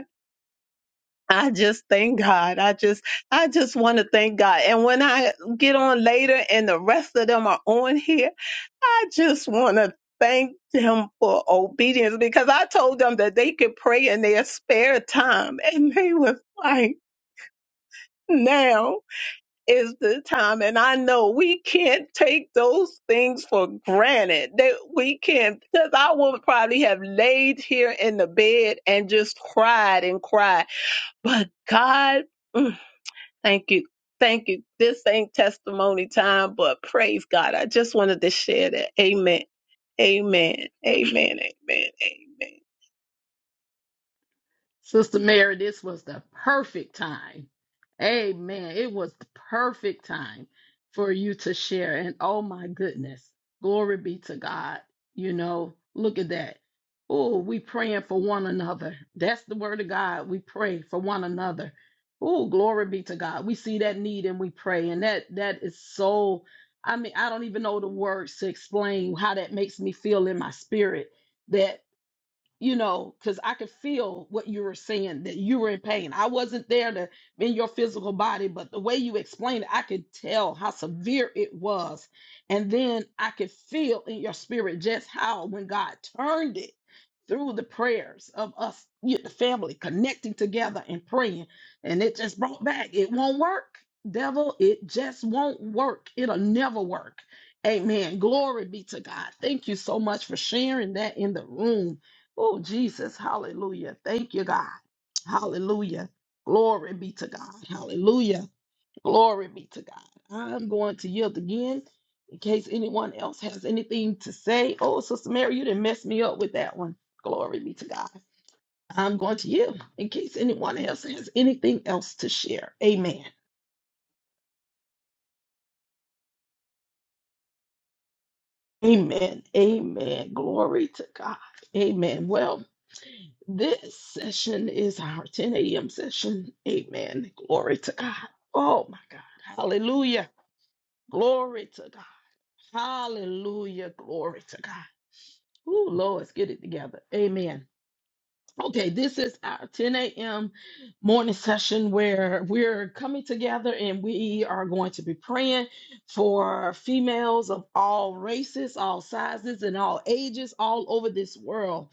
E: I just thank God. I just I just want to thank God. And when I get on later and the rest of them are on here, I just want to thank them for obedience because I told them that they could pray in their spare time and they was like now is the time and I know we can't take those things for granted that we can't because I would probably have laid here in the bed and just cried and cried but God mm, Thank you. Thank you. This ain't testimony time, but praise God. I just wanted to share that. Amen. Amen. Amen. Amen. Amen.
A: Sister Mary, this was the perfect time. Amen. It was the perfect time for you to share. And oh my goodness, glory be to God. You know, look at that. Oh, we praying for one another. That's the word of God. We pray for one another. Oh, glory be to God. We see that need and we pray. And that that is so I mean, I don't even know the words to explain how that makes me feel in my spirit That you know, because I could feel what you were saying that you were in pain. I wasn't there to in your physical body, but the way you explained it, I could tell how severe it was. And then I could feel in your spirit just how when God turned it through the prayers of us, you, the family connecting together and praying, and it just brought back. It won't work, devil. It just won't work. It'll never work. Amen. Glory be to God. Thank you so much for sharing that in the room. Oh, Jesus. Hallelujah. Thank you, God. Hallelujah. Glory be to God. Hallelujah. Glory be to God. I'm going to yield again in case anyone else has anything to say. Oh, Sister Mary, you didn't mess me up with that one. Glory be to God. I'm going to yield in case anyone else has anything else to share. Amen. Amen. Amen. Glory to God. Amen. Well, This session is our 10 a.m. session. Amen. Glory to God. Oh my God. Hallelujah. Glory to God. Hallelujah. Glory to God. Oh, Lord, let's get it together. Amen. Okay, this is our 10 a.m. morning session where we're coming together and we are going to be praying for females of all races, all sizes, and all ages all over this world.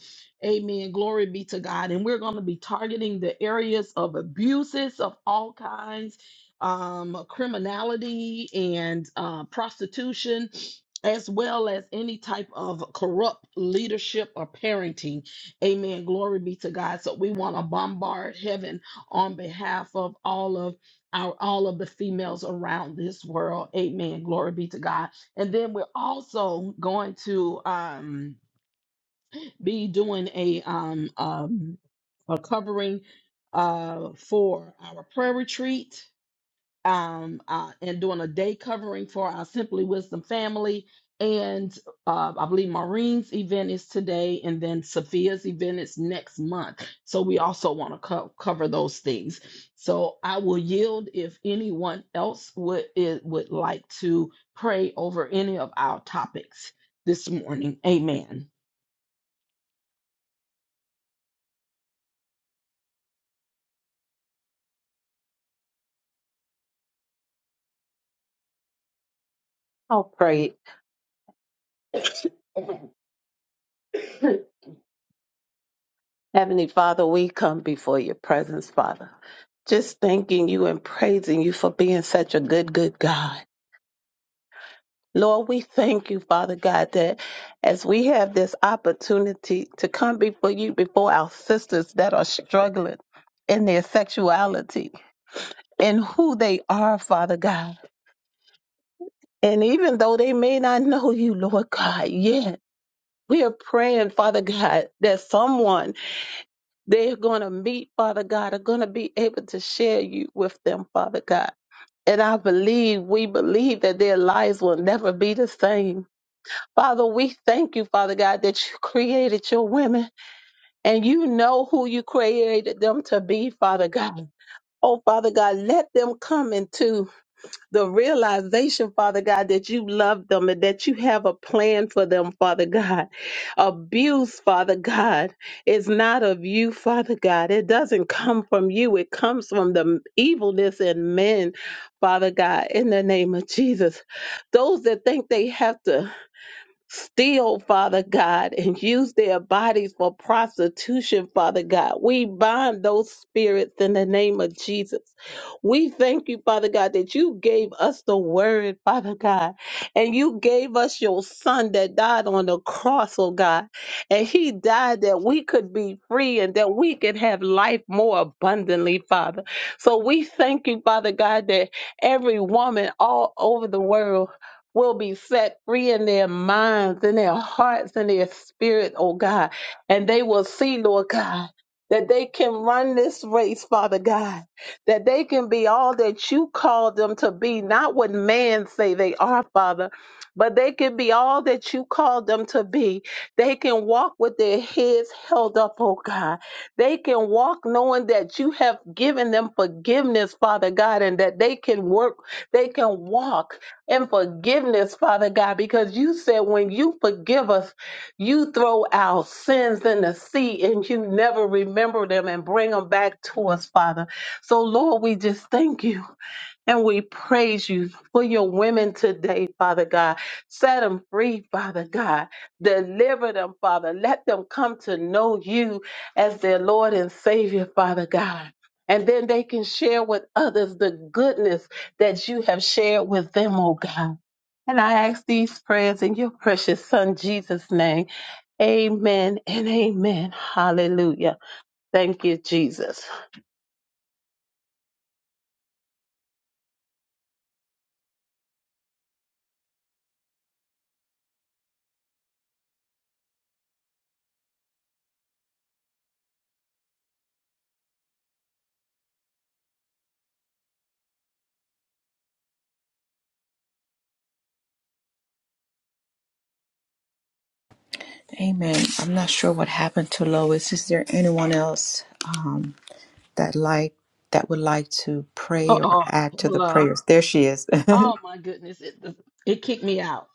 A: Amen. Glory be to God. And we're going to be targeting the areas of abuses of all kinds, um, criminality, and uh, prostitution. As well as any type of corrupt leadership or parenting. Amen. Glory be to God. So we want to bombard heaven on behalf of all of our all of the females around this world. Amen. Glory be to God. And then we're also going to um be doing a um um a covering uh for our prayer retreat um, uh, and doing a day covering for our Simply Wisdom family. And uh, I believe Maureen's event is today, and then Sophia's event is next month. So we also want to co- cover those things. So I will yield if anyone else would it, would like to pray over any of our topics this morning. Amen.
E: I'll pray. Heavenly Father, we come before your presence, Father. Just thanking you and praising you for being such a good, good God. Lord, we thank you, Father God, that as we have this opportunity to come before you, before our sisters that are struggling in their sexuality and who they are, Father God. And even though they may not know you, Lord God, yet. We are praying, Father God, that someone they're going to meet, Father God, are going to be able to share you with them, Father God. And I believe, we believe that their lives will never be the same. Father, we thank you, Father God, that you created your women and you know who you created them to be, Father God. Oh, Father God, let them come into the realization, Father God, that you love them and that you have a plan for them, Father God. Abuse, Father God, is not of you, Father God. It doesn't come from you, it comes from the evilness in men, Father God, in the name of Jesus. Those that think they have to steal, Father God, and use their bodies for prostitution, Father God. We bind those spirits in the name of Jesus. We thank you, Father God, that you gave us the word, Father God, and you gave us your son that died on the cross, oh God. And he died that we could be free and that we could have life more abundantly, Father. So we thank you, Father God, that every woman all over the world will be set free in their minds, in their hearts, in their spirit, oh God. And they will see, Lord God, that they can run this race, Father God, that they can be all that you called them to be, not what man say they are, Father, but they can be all that you called them to be. They can walk with their heads held up, oh God. They can walk knowing that you have given them forgiveness, Father God, and that they can work, they can walk and forgiveness, Father God, because you said when you forgive us, you throw our sins in the sea and you never remember them and bring them back to us, Father. So, Lord, we just thank you. And we praise you for your women today, Father God. Set them free, Father God. Deliver them, Father. Let them come to know you as their Lord and Savior, Father God. And then they can share with others the goodness that you have shared with them, oh God. And I ask these prayers in your precious Son, Jesus' name. Amen and amen. Hallelujah. Thank you, Jesus.
C: Amen. I'm not sure what happened to Lois. Is there anyone else? Um, that like that would like to
A: Uh
C: pray or
A: oh,
C: add to the
A: hello.
C: prayers. There she is.
A: Oh my goodness, it it kicked me out.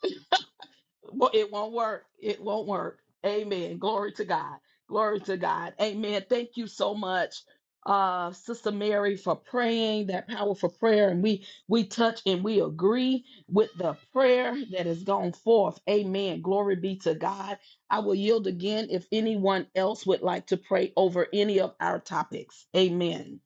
A: Well, it won't work. It won't work. Amen. Glory to God. Glory to God. Amen. Thank you so much, uh, Sister Mary, for praying that powerful prayer. And we we touch and we agree with the prayer that has gone forth. Amen. Glory be to God. I will yield again if anyone else would like to pray over any of our topics. Amen.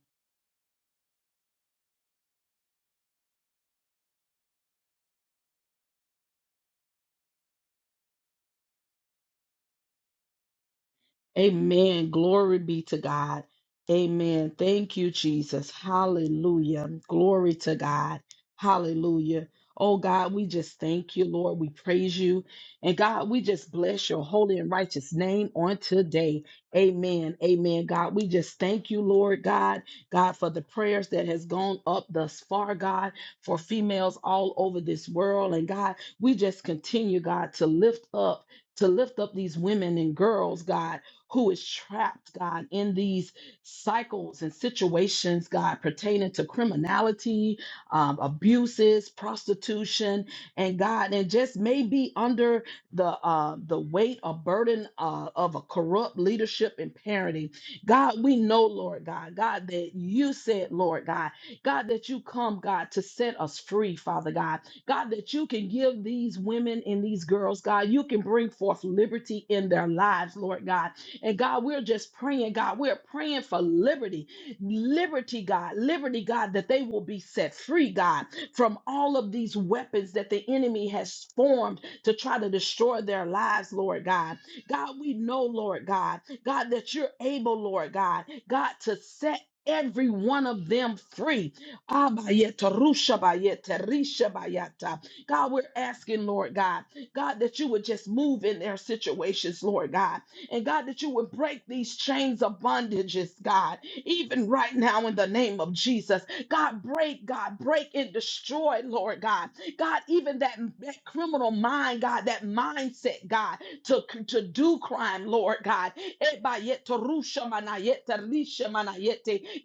A: Amen. Glory be to God. Amen. Thank you, Jesus. Hallelujah. Glory to God. Hallelujah. Oh God, we just thank you, Lord. We praise you. And God, we just bless your holy and righteous name on today. Amen. Amen. God, we just thank you, Lord God. God, for the prayers that has gone up thus far, God, for females all over this world. And God, we just continue, God, to lift up, to lift up these women and girls, God who is trapped, God, in these cycles and situations, God, pertaining to criminality, um, abuses, prostitution, and God, and just may be under the uh, the weight or burden uh, of a corrupt leadership and parenting. God, we know, Lord God, God, that you said, Lord God, God, that you come, God, to set us free, Father God. God, that you can give these women and these girls, God, you can bring forth liberty in their lives, Lord God. And God, we're just praying, God, we're praying for liberty, liberty, God, liberty, God, that they will be set free, God, from all of these weapons that the enemy has formed to try to destroy their lives, Lord God. God, we know, Lord God, God, that you're able, Lord God, God, to set every one of them free. Abayeta, rushabayeta, rishabayata. God, we're asking, Lord God, God, that you would just move in their situations, Lord God. And God, that you would break these chains of bondages, God, even right now in the name of Jesus. God, break, God, break and destroy, Lord God. God, even that, that criminal mind, God, that mindset, God to, to do crime, Lord God.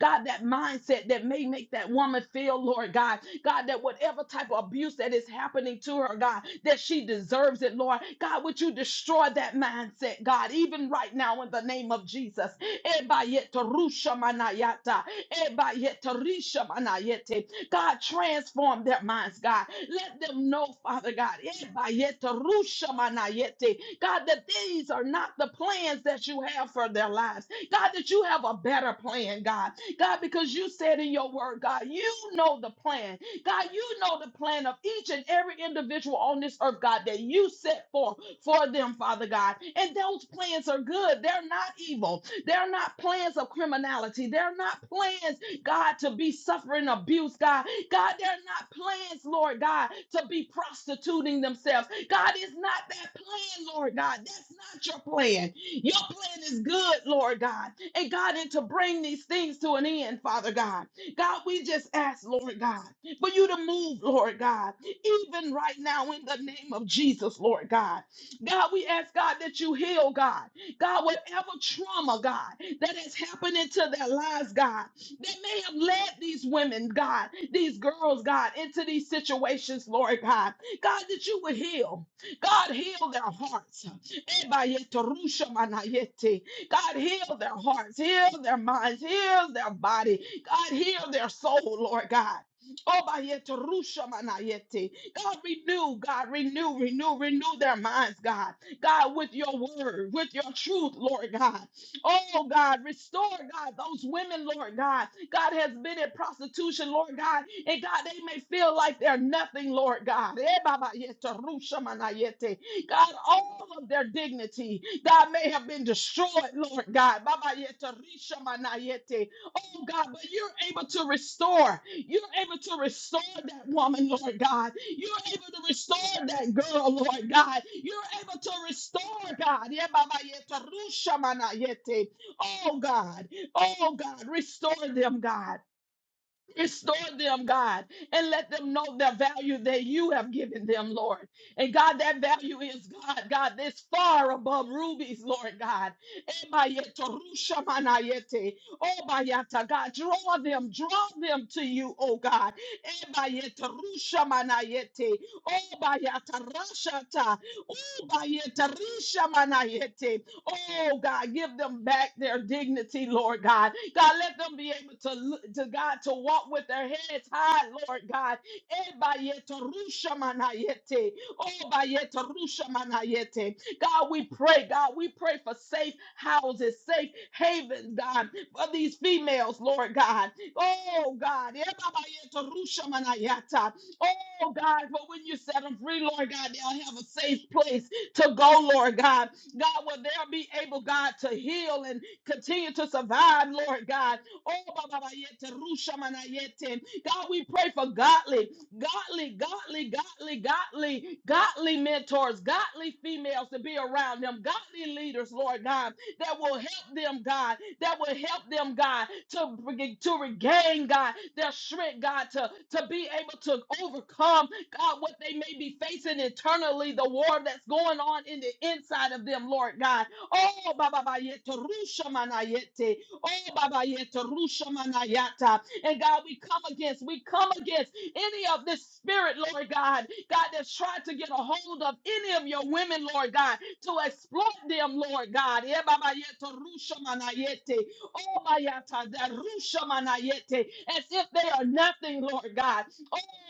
A: God, that mindset that may make that woman feel, Lord God, God, that whatever type of abuse that is happening to her, God, that she deserves it, Lord. God, would you destroy that mindset, God, even right now in the name of Jesus? Eba yeto rusha manayata. Eba yeto risha manayete. God, transform their minds, God. Let them know, Father God, eba yeto rusha manayete. God, that these are not the plans that you have for their lives. God, that you have a better plan, God. God, because you said in your word, God, you know the plan. God, you know the plan of each and every individual on this earth, God, that you set forth for them, Father God. And those plans are good. They're not evil. They're not plans of criminality. They're not plans, God, to be suffering abuse, God. God, they're not plans, Lord God, to be prostituting themselves. God is not that plan, Lord God. That's not your plan. Your plan is good, Lord God. And God, and to bring these things to an end, Father God. God, we just ask, Lord God, for you to move, Lord God, even right now in the name of Jesus, Lord God. God, we ask, God, that you heal, God. God, whatever trauma, God, that has happened into their lives, God, that may have led these women, God, these girls, God, into these situations, Lord God. God, that you would heal. God, heal their hearts. Ebayetorushamanayete. God, heal their hearts, heal their minds, heal their body. God, heal their soul, Lord God. Obayetorushamanayete. God, renew, God, renew, renew, renew their minds, God. God, with your word, with your truth, Lord God. Oh God, restore God those women, Lord God. God has been in prostitution, Lord God, and God, they may feel like they're nothing, Lord God. Eh, Baba, yete, rusha, manayete. God, all of their dignity, God may have been destroyed, Lord God. Baba, yete, risha, manayete. Oh God, but you're able to restore. You're able to restore that woman, Lord God. You're able to restore that girl, Lord God. You're able to restore, God. Yeah, Baba, yeah, Tarusha, Mana, yeah, te. Oh, God. Oh, God. Restore them, God. Restore them, God, and let them know the value that you have given them, Lord. And God, that value is, God, God, that's far above rubies, Lord God. Ebayeto rushamanayete, obayata, God, draw them, draw them to you, oh God. Ebayeta rushamanayete, obayata rashata, obayeta rishamanayete. Oh God, give them back their dignity, Lord God. God, let them be able to, to God to walk with their heads high, Lord God. Eh, bayeto rusha manayete. Oh, bayeto rusha manayete. God, we pray, God, we pray for safe houses, safe havens, God, for these females, Lord God. Oh God, eh, bayeto rusha manayata. Oh God, but when you set them free, Lord God, they'll have a safe place to go, Lord God. God, will they be able, God, to heal and continue to survive, Lord God? Oh, Baba Yete, Rusha Mana Yete. God, we pray for godly, godly, godly, godly, godly, godly mentors, godly females to be around them, godly leaders, Lord God, that will help them, God, that will help them, God, to, to regain, God, their strength, God, to, to be able to overcome. God, what they may be facing internally, the war that's going on in the inside of them, Lord God. Oh, Baba Bayete, Rusha Manayete. Oh, Baba Yete, Rusha Manayata. And God, we come against, we come against any of this spirit, Lord God, God, that's tried to get a hold of any of your women, Lord God, to exploit them, Lord God. Eh, Baba Yete, Rusha Manayete. Oh, Bayata, that Rusha Manayete, as if they are nothing, Lord God.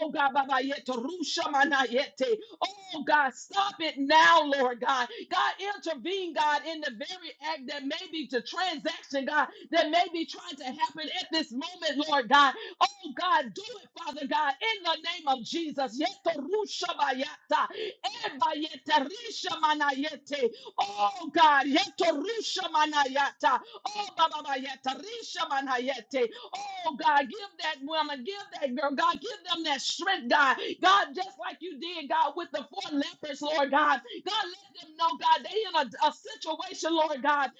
A: Oh God, Baba Yete, Rusha Mana Yete. Oh God, stop it now, Lord God. God, intervene, God, in the very act that may be to transaction, God, that may be trying to happen at this moment, Lord God. Oh God, do it, Father God, in the name of Jesus. Yeto Rusha Bayata. Eba Yete, Risha Mana Yete. Oh God, Yeto Rusha Mana Yata. Oh, Baba Yeta, Risha Manayete. Oh, God, give that woman, give that girl, God, give them that strength, God. God, just like you did, God, with the four lepers, Lord God. God, let them know, God, they in a, a situation, Lord God. God,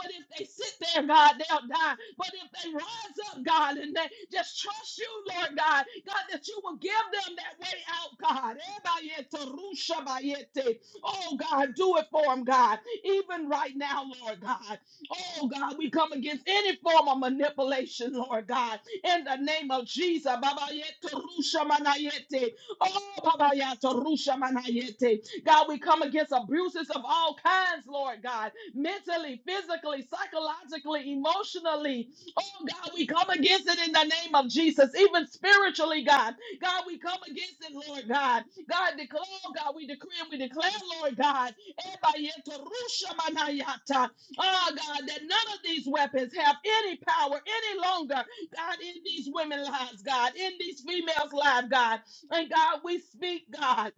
A: but if they sit there, God, they'll die. But if they rise up, God, and they just trust you, Lord God, God, that you will give them that way out, God. Ebayete, Rusha Bayete. Oh, God, do it for them, God, even right now, Lord God. Oh God, we come against any form of manipulation, Lord God, in the name of Jesus. Baba yeto rusha manayete. Oh Baba yato rusha manayete. God, we come against abuses of all kinds, Lord God, mentally, physically, psychologically, emotionally. Oh God, we come against it in the name of Jesus, even spiritually, God. God, we come against it, Lord God. God, declare, oh, God, we decree and we declare, Lord God. Eba yeto rusha manayata. Oh God, that none of these weapons have any power any longer, God, in these women's lives, God, in these females' lives, God. And God, we speak, God.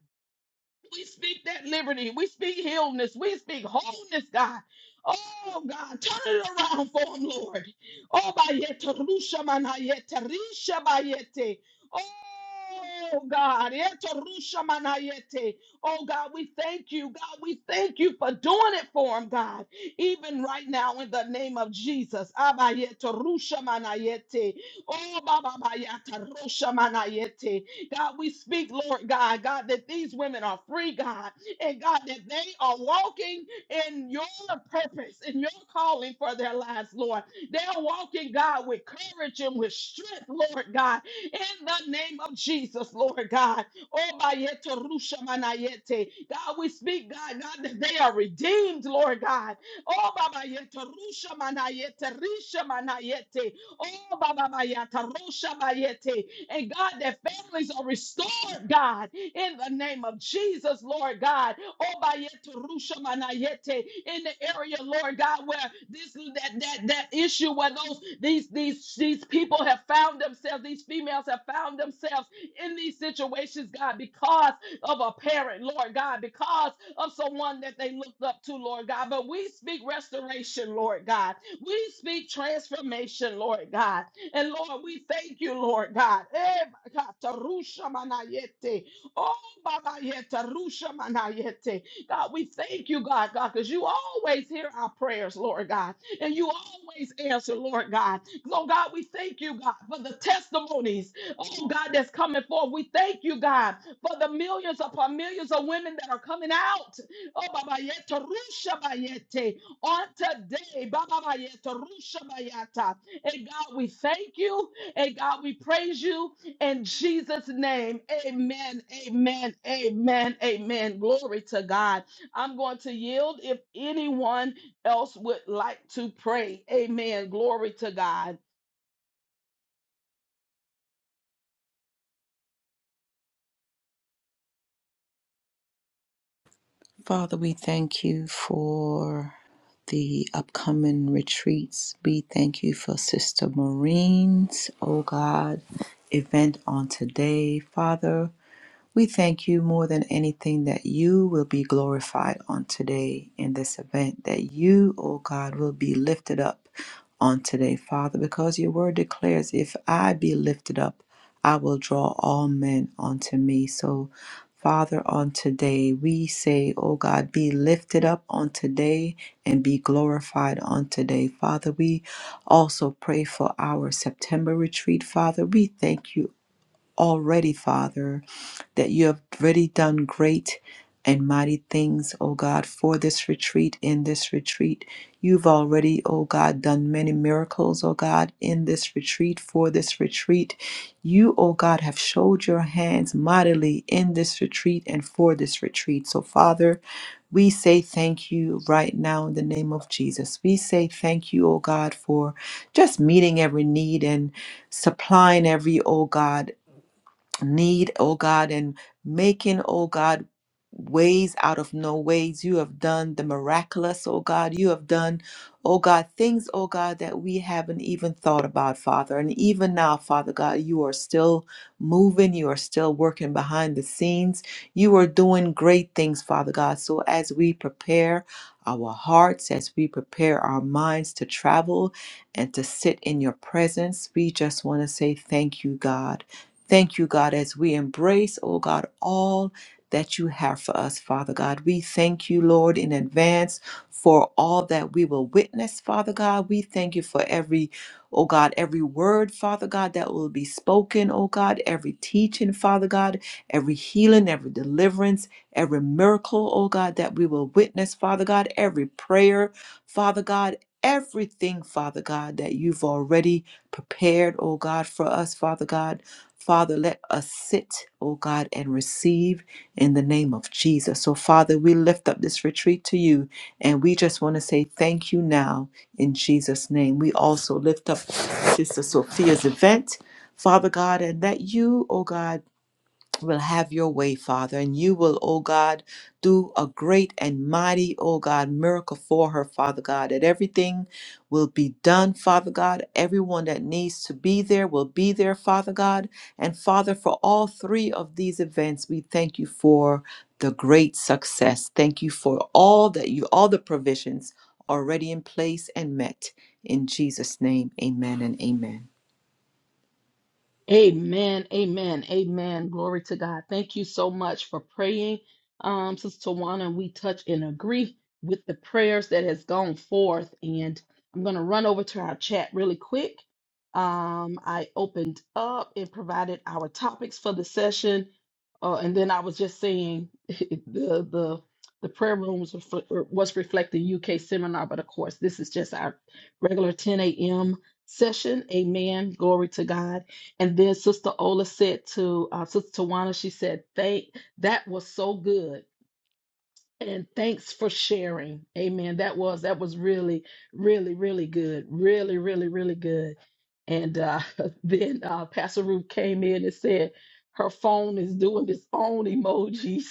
A: We speak that liberty. We speak healness. We speak wholeness, God. Oh, God, turn it around for him, Lord. Oh, bayete, rusha manayete, risha bayete. Oh, God. yete, rusha manayete. Oh, God, we thank you. God, we thank you for doing it for him, God. Even right now, in the name of Jesus. Abayete, rusha manayete. Oh, baba bayata, rusha manayete. God, we speak, Lord God, God, that these women are free, God, and God, that they are walking in your purpose and your calling for their lives, Lord. They are walking, God, with courage and with strength, Lord God, in the name of Jesus, Lord God. Oh, bayete rusha manayete. God, we speak, God, God, that they are redeemed, Lord God. Oh, babayete rusha manayete, risha manayete. Oh, Baba Mayata, Rosha Mayete. And God, that families are restored, God, in the name of Jesus, Lord God. Oh, Bayete, Rusha Manayete. In the area, Lord God, where this that that that issue where those these these these people have found themselves, these females have found themselves in these situations, God, because of a parent, Lord God, because of someone that they looked up to, Lord God. But we speak restoration, Lord God. We speak transformation, Lord God. And Lord, we thank you, Lord God. Eh, God, tarusha manayete. Oh, Baba yeta, rusha manayete. God, we thank you, God, God, because you always hear our prayers, Lord God. And you always answer, Lord God. So, God, we thank you, God, for the testimonies, oh, God, that's coming forth. We thank you, God, for the millions upon millions of women that are coming out. Oh, Baba Yeto, Rusha Bayete, on today, Baba Yeto, Rusha Bayata. And God, we thank you. And God, we praise you in Jesus' name. Amen, amen, amen, amen. Glory to God. I'm going to yield if anyone else would like to pray. Amen. Glory to God.
C: Father, we thank you for the upcoming retreats. We thank you for Sister Marine's, oh God, event on today. Father, We thank you more than anything that you will be glorified on today in this event, that you, O God, will be lifted up on today, Father, because your word declares, if I be lifted up, I will draw all men unto me. So, Father, on today, we say, O God, be lifted up on today and be glorified on today. Father, we also pray for our September retreat. Father, we thank you already, Father, that you have already done great and mighty things, O God, for this retreat, in this retreat. You've already, O God, done many miracles, O God, in this retreat, for this retreat. You, O God, have showed your hands mightily in this retreat and for this retreat. So, Father, we say thank you right now in the name of Jesus. We say thank you, O God, for just meeting every need and supplying every, O God, need, oh God, and making, oh God, ways out of no ways. You have done the miraculous, oh God. You have done, oh God, things, oh God, that we haven't even thought about, Father. And even now, Father God, you are still moving. You are still working behind the scenes. You are doing great things, Father God. So as we prepare, our hearts as we prepare our minds to travel and to sit in your presence. We just want to say thank you, God. Thank you, God, as we embrace, oh God, all that you have for us, Father God. We thank you, Lord, in advance for all that we will witness, Father God. We thank you for every, oh God, every word, Father God, that will be spoken, oh God, every teaching, Father God, every healing, every deliverance, every miracle, oh God, that we will witness, Father God, every prayer, Father God. Everything, Father God, that you've already prepared, oh God, for us, Father God. Father, let us sit, oh God, and receive in the name of Jesus. So, Father, we lift up this retreat to you and we just want to say thank you now in Jesus' name. We also lift up Sister Sophia's event, Father God, and that you, oh God, will have your way, Father, and you will, oh God, do a great and mighty, oh God, miracle for her, Father God, that everything will be done, Father God. Everyone that needs to be there will be there, Father God. And Father, for all three of these events, we thank you for the great success. Thank you for all that you, all the provisions already in place and met. In Jesus' name, amen and amen.
A: Amen, amen, amen. Glory to God. Thank you so much for praying, um, Sister Tawana. We touch and agree with the prayers that has gone forth. And I'm going to run over to our chat really quick. Um, I opened up and provided our topics for the session, uh, and then I was just saying the the the prayer rooms was refl- was reflecting UK seminar, but of course this is just our regular 10 a.m. session. Amen. Glory to God. And then Sister Ola said to uh, Sister Tawana, she said, "Thank that was so good." And thanks for sharing. Amen. That was that was really, really, really good. Really, really, really good. And uh, then uh, Pastor Ruth came in and said her phone is doing its own emojis.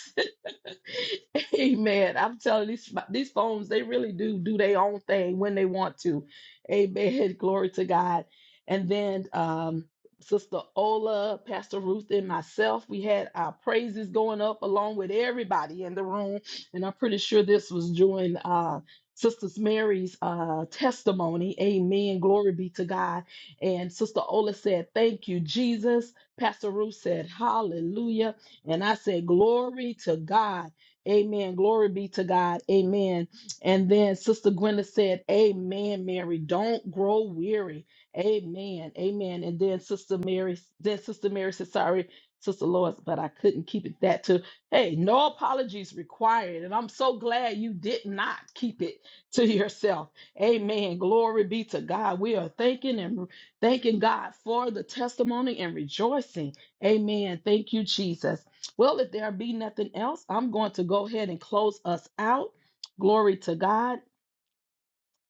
A: Amen. I'm telling you, these these phones, they really do do their own thing when they want to. Amen. Glory to God. And then um, Sister Ola, Pastor Ruth, and myself, we had our praises going up along with everybody in the room and I'm pretty sure this was during uh, Sister Mary's uh, testimony. Amen. Glory be to God. And Sister Ola said, Thank you, Jesus. Pastor Ruth said, Hallelujah. And I said, Glory to God. Amen. Glory be to God. Amen. And then Sister Gwenda said, Amen, Mary. Don't grow weary. Amen. Amen. And then Sister Mary, then Sister Mary said, Sorry, Sister Lois, but I couldn't keep it that to Hey, no apologies required. And I'm so glad you did not keep it to yourself. Amen. Glory be to God. We are thanking and thanking God for the testimony and rejoicing. Amen. Thank you, Jesus. Well, if there be nothing else, I'm going to go ahead and close us out. Glory to God.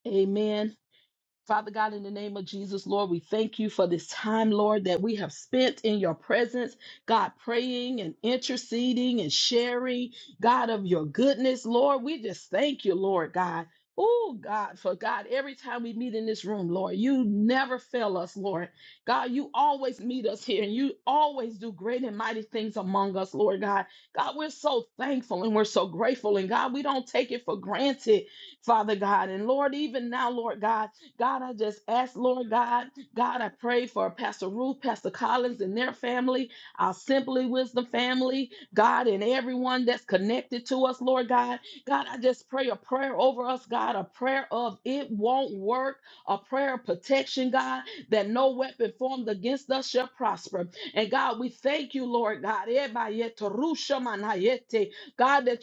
A: Amen. Father God, in the name of Jesus, Lord, we thank you for this time, Lord, that we have spent in your presence, God, praying and interceding and sharing, God, of your goodness, Lord. We just thank you, Lord God. Oh, God, for God, every time we meet in this room, Lord, you never fail us, Lord. God, you always meet us here and you always do great and mighty things among us, Lord God. God, we're so thankful and we're so grateful. And God, we don't take it for granted, Father God. And Lord, even now, Lord God, God, I just ask, Lord God, God, I pray for Pastor Ruth, Pastor Collins, and their family, our Simply Wisdom family, God, and everyone that's connected to us, Lord God. God, I just pray a prayer over us, God, a prayer of it won't work, a prayer of protection, God, that no weapon formed against us shall prosper. And God, we thank you, Lord God, God, that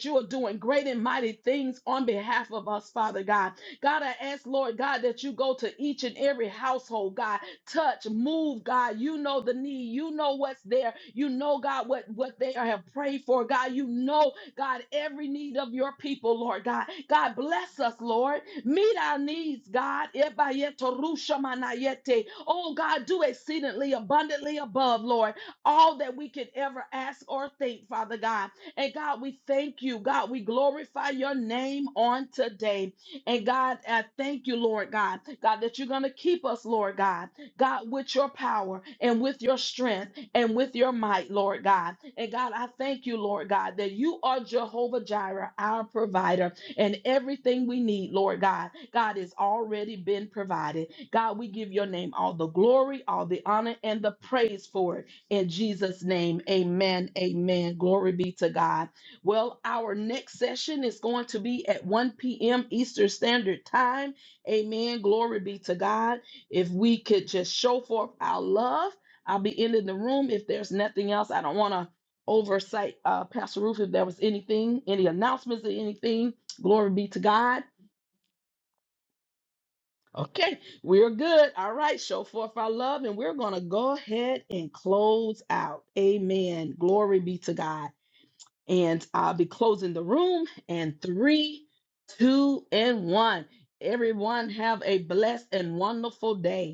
A: you are doing great and mighty things on behalf of us, Father God. God, I ask, Lord God, that you go to each and every household, God. Touch, move, God. You know the need. You know what's there. You know, God, what, what they have prayed for, God. You know, God, every need of your people, Lord God. God, bless us, Lord. Meet our needs, God. Ebayetorushamanayete. Oh, God, do exceedingly abundantly above, Lord, all that we could ever ask or think, Father God. And God, we thank you. God, we glorify your name on today. And God, I thank you, Lord God, God, that you're going to keep us, Lord God, God, with your power and with your strength and with your might, Lord God. And God, I thank you, Lord God, that you are Jehovah Jireh, our provider, and everything we need, Lord God, God, has already been provided. God, we give your name all the glory, all the honor, and the praise for it. In Jesus' name, amen. Amen. Glory be to God. Well, our next session is going to be at 1 p.m. Eastern Standard Time. Amen. Glory be to God. If we could just show forth our love, I'll be ending the room. If there's nothing else, I don't want to oversight uh, Pastor Ruth if there was anything, any announcements or anything. Glory be to God. Okay, we're good. All right, show forth our love, and we're going to go ahead and close out. Amen. Glory be to God and I'll be closing the room. And three, two, and one. Everyone have a blessed and wonderful day.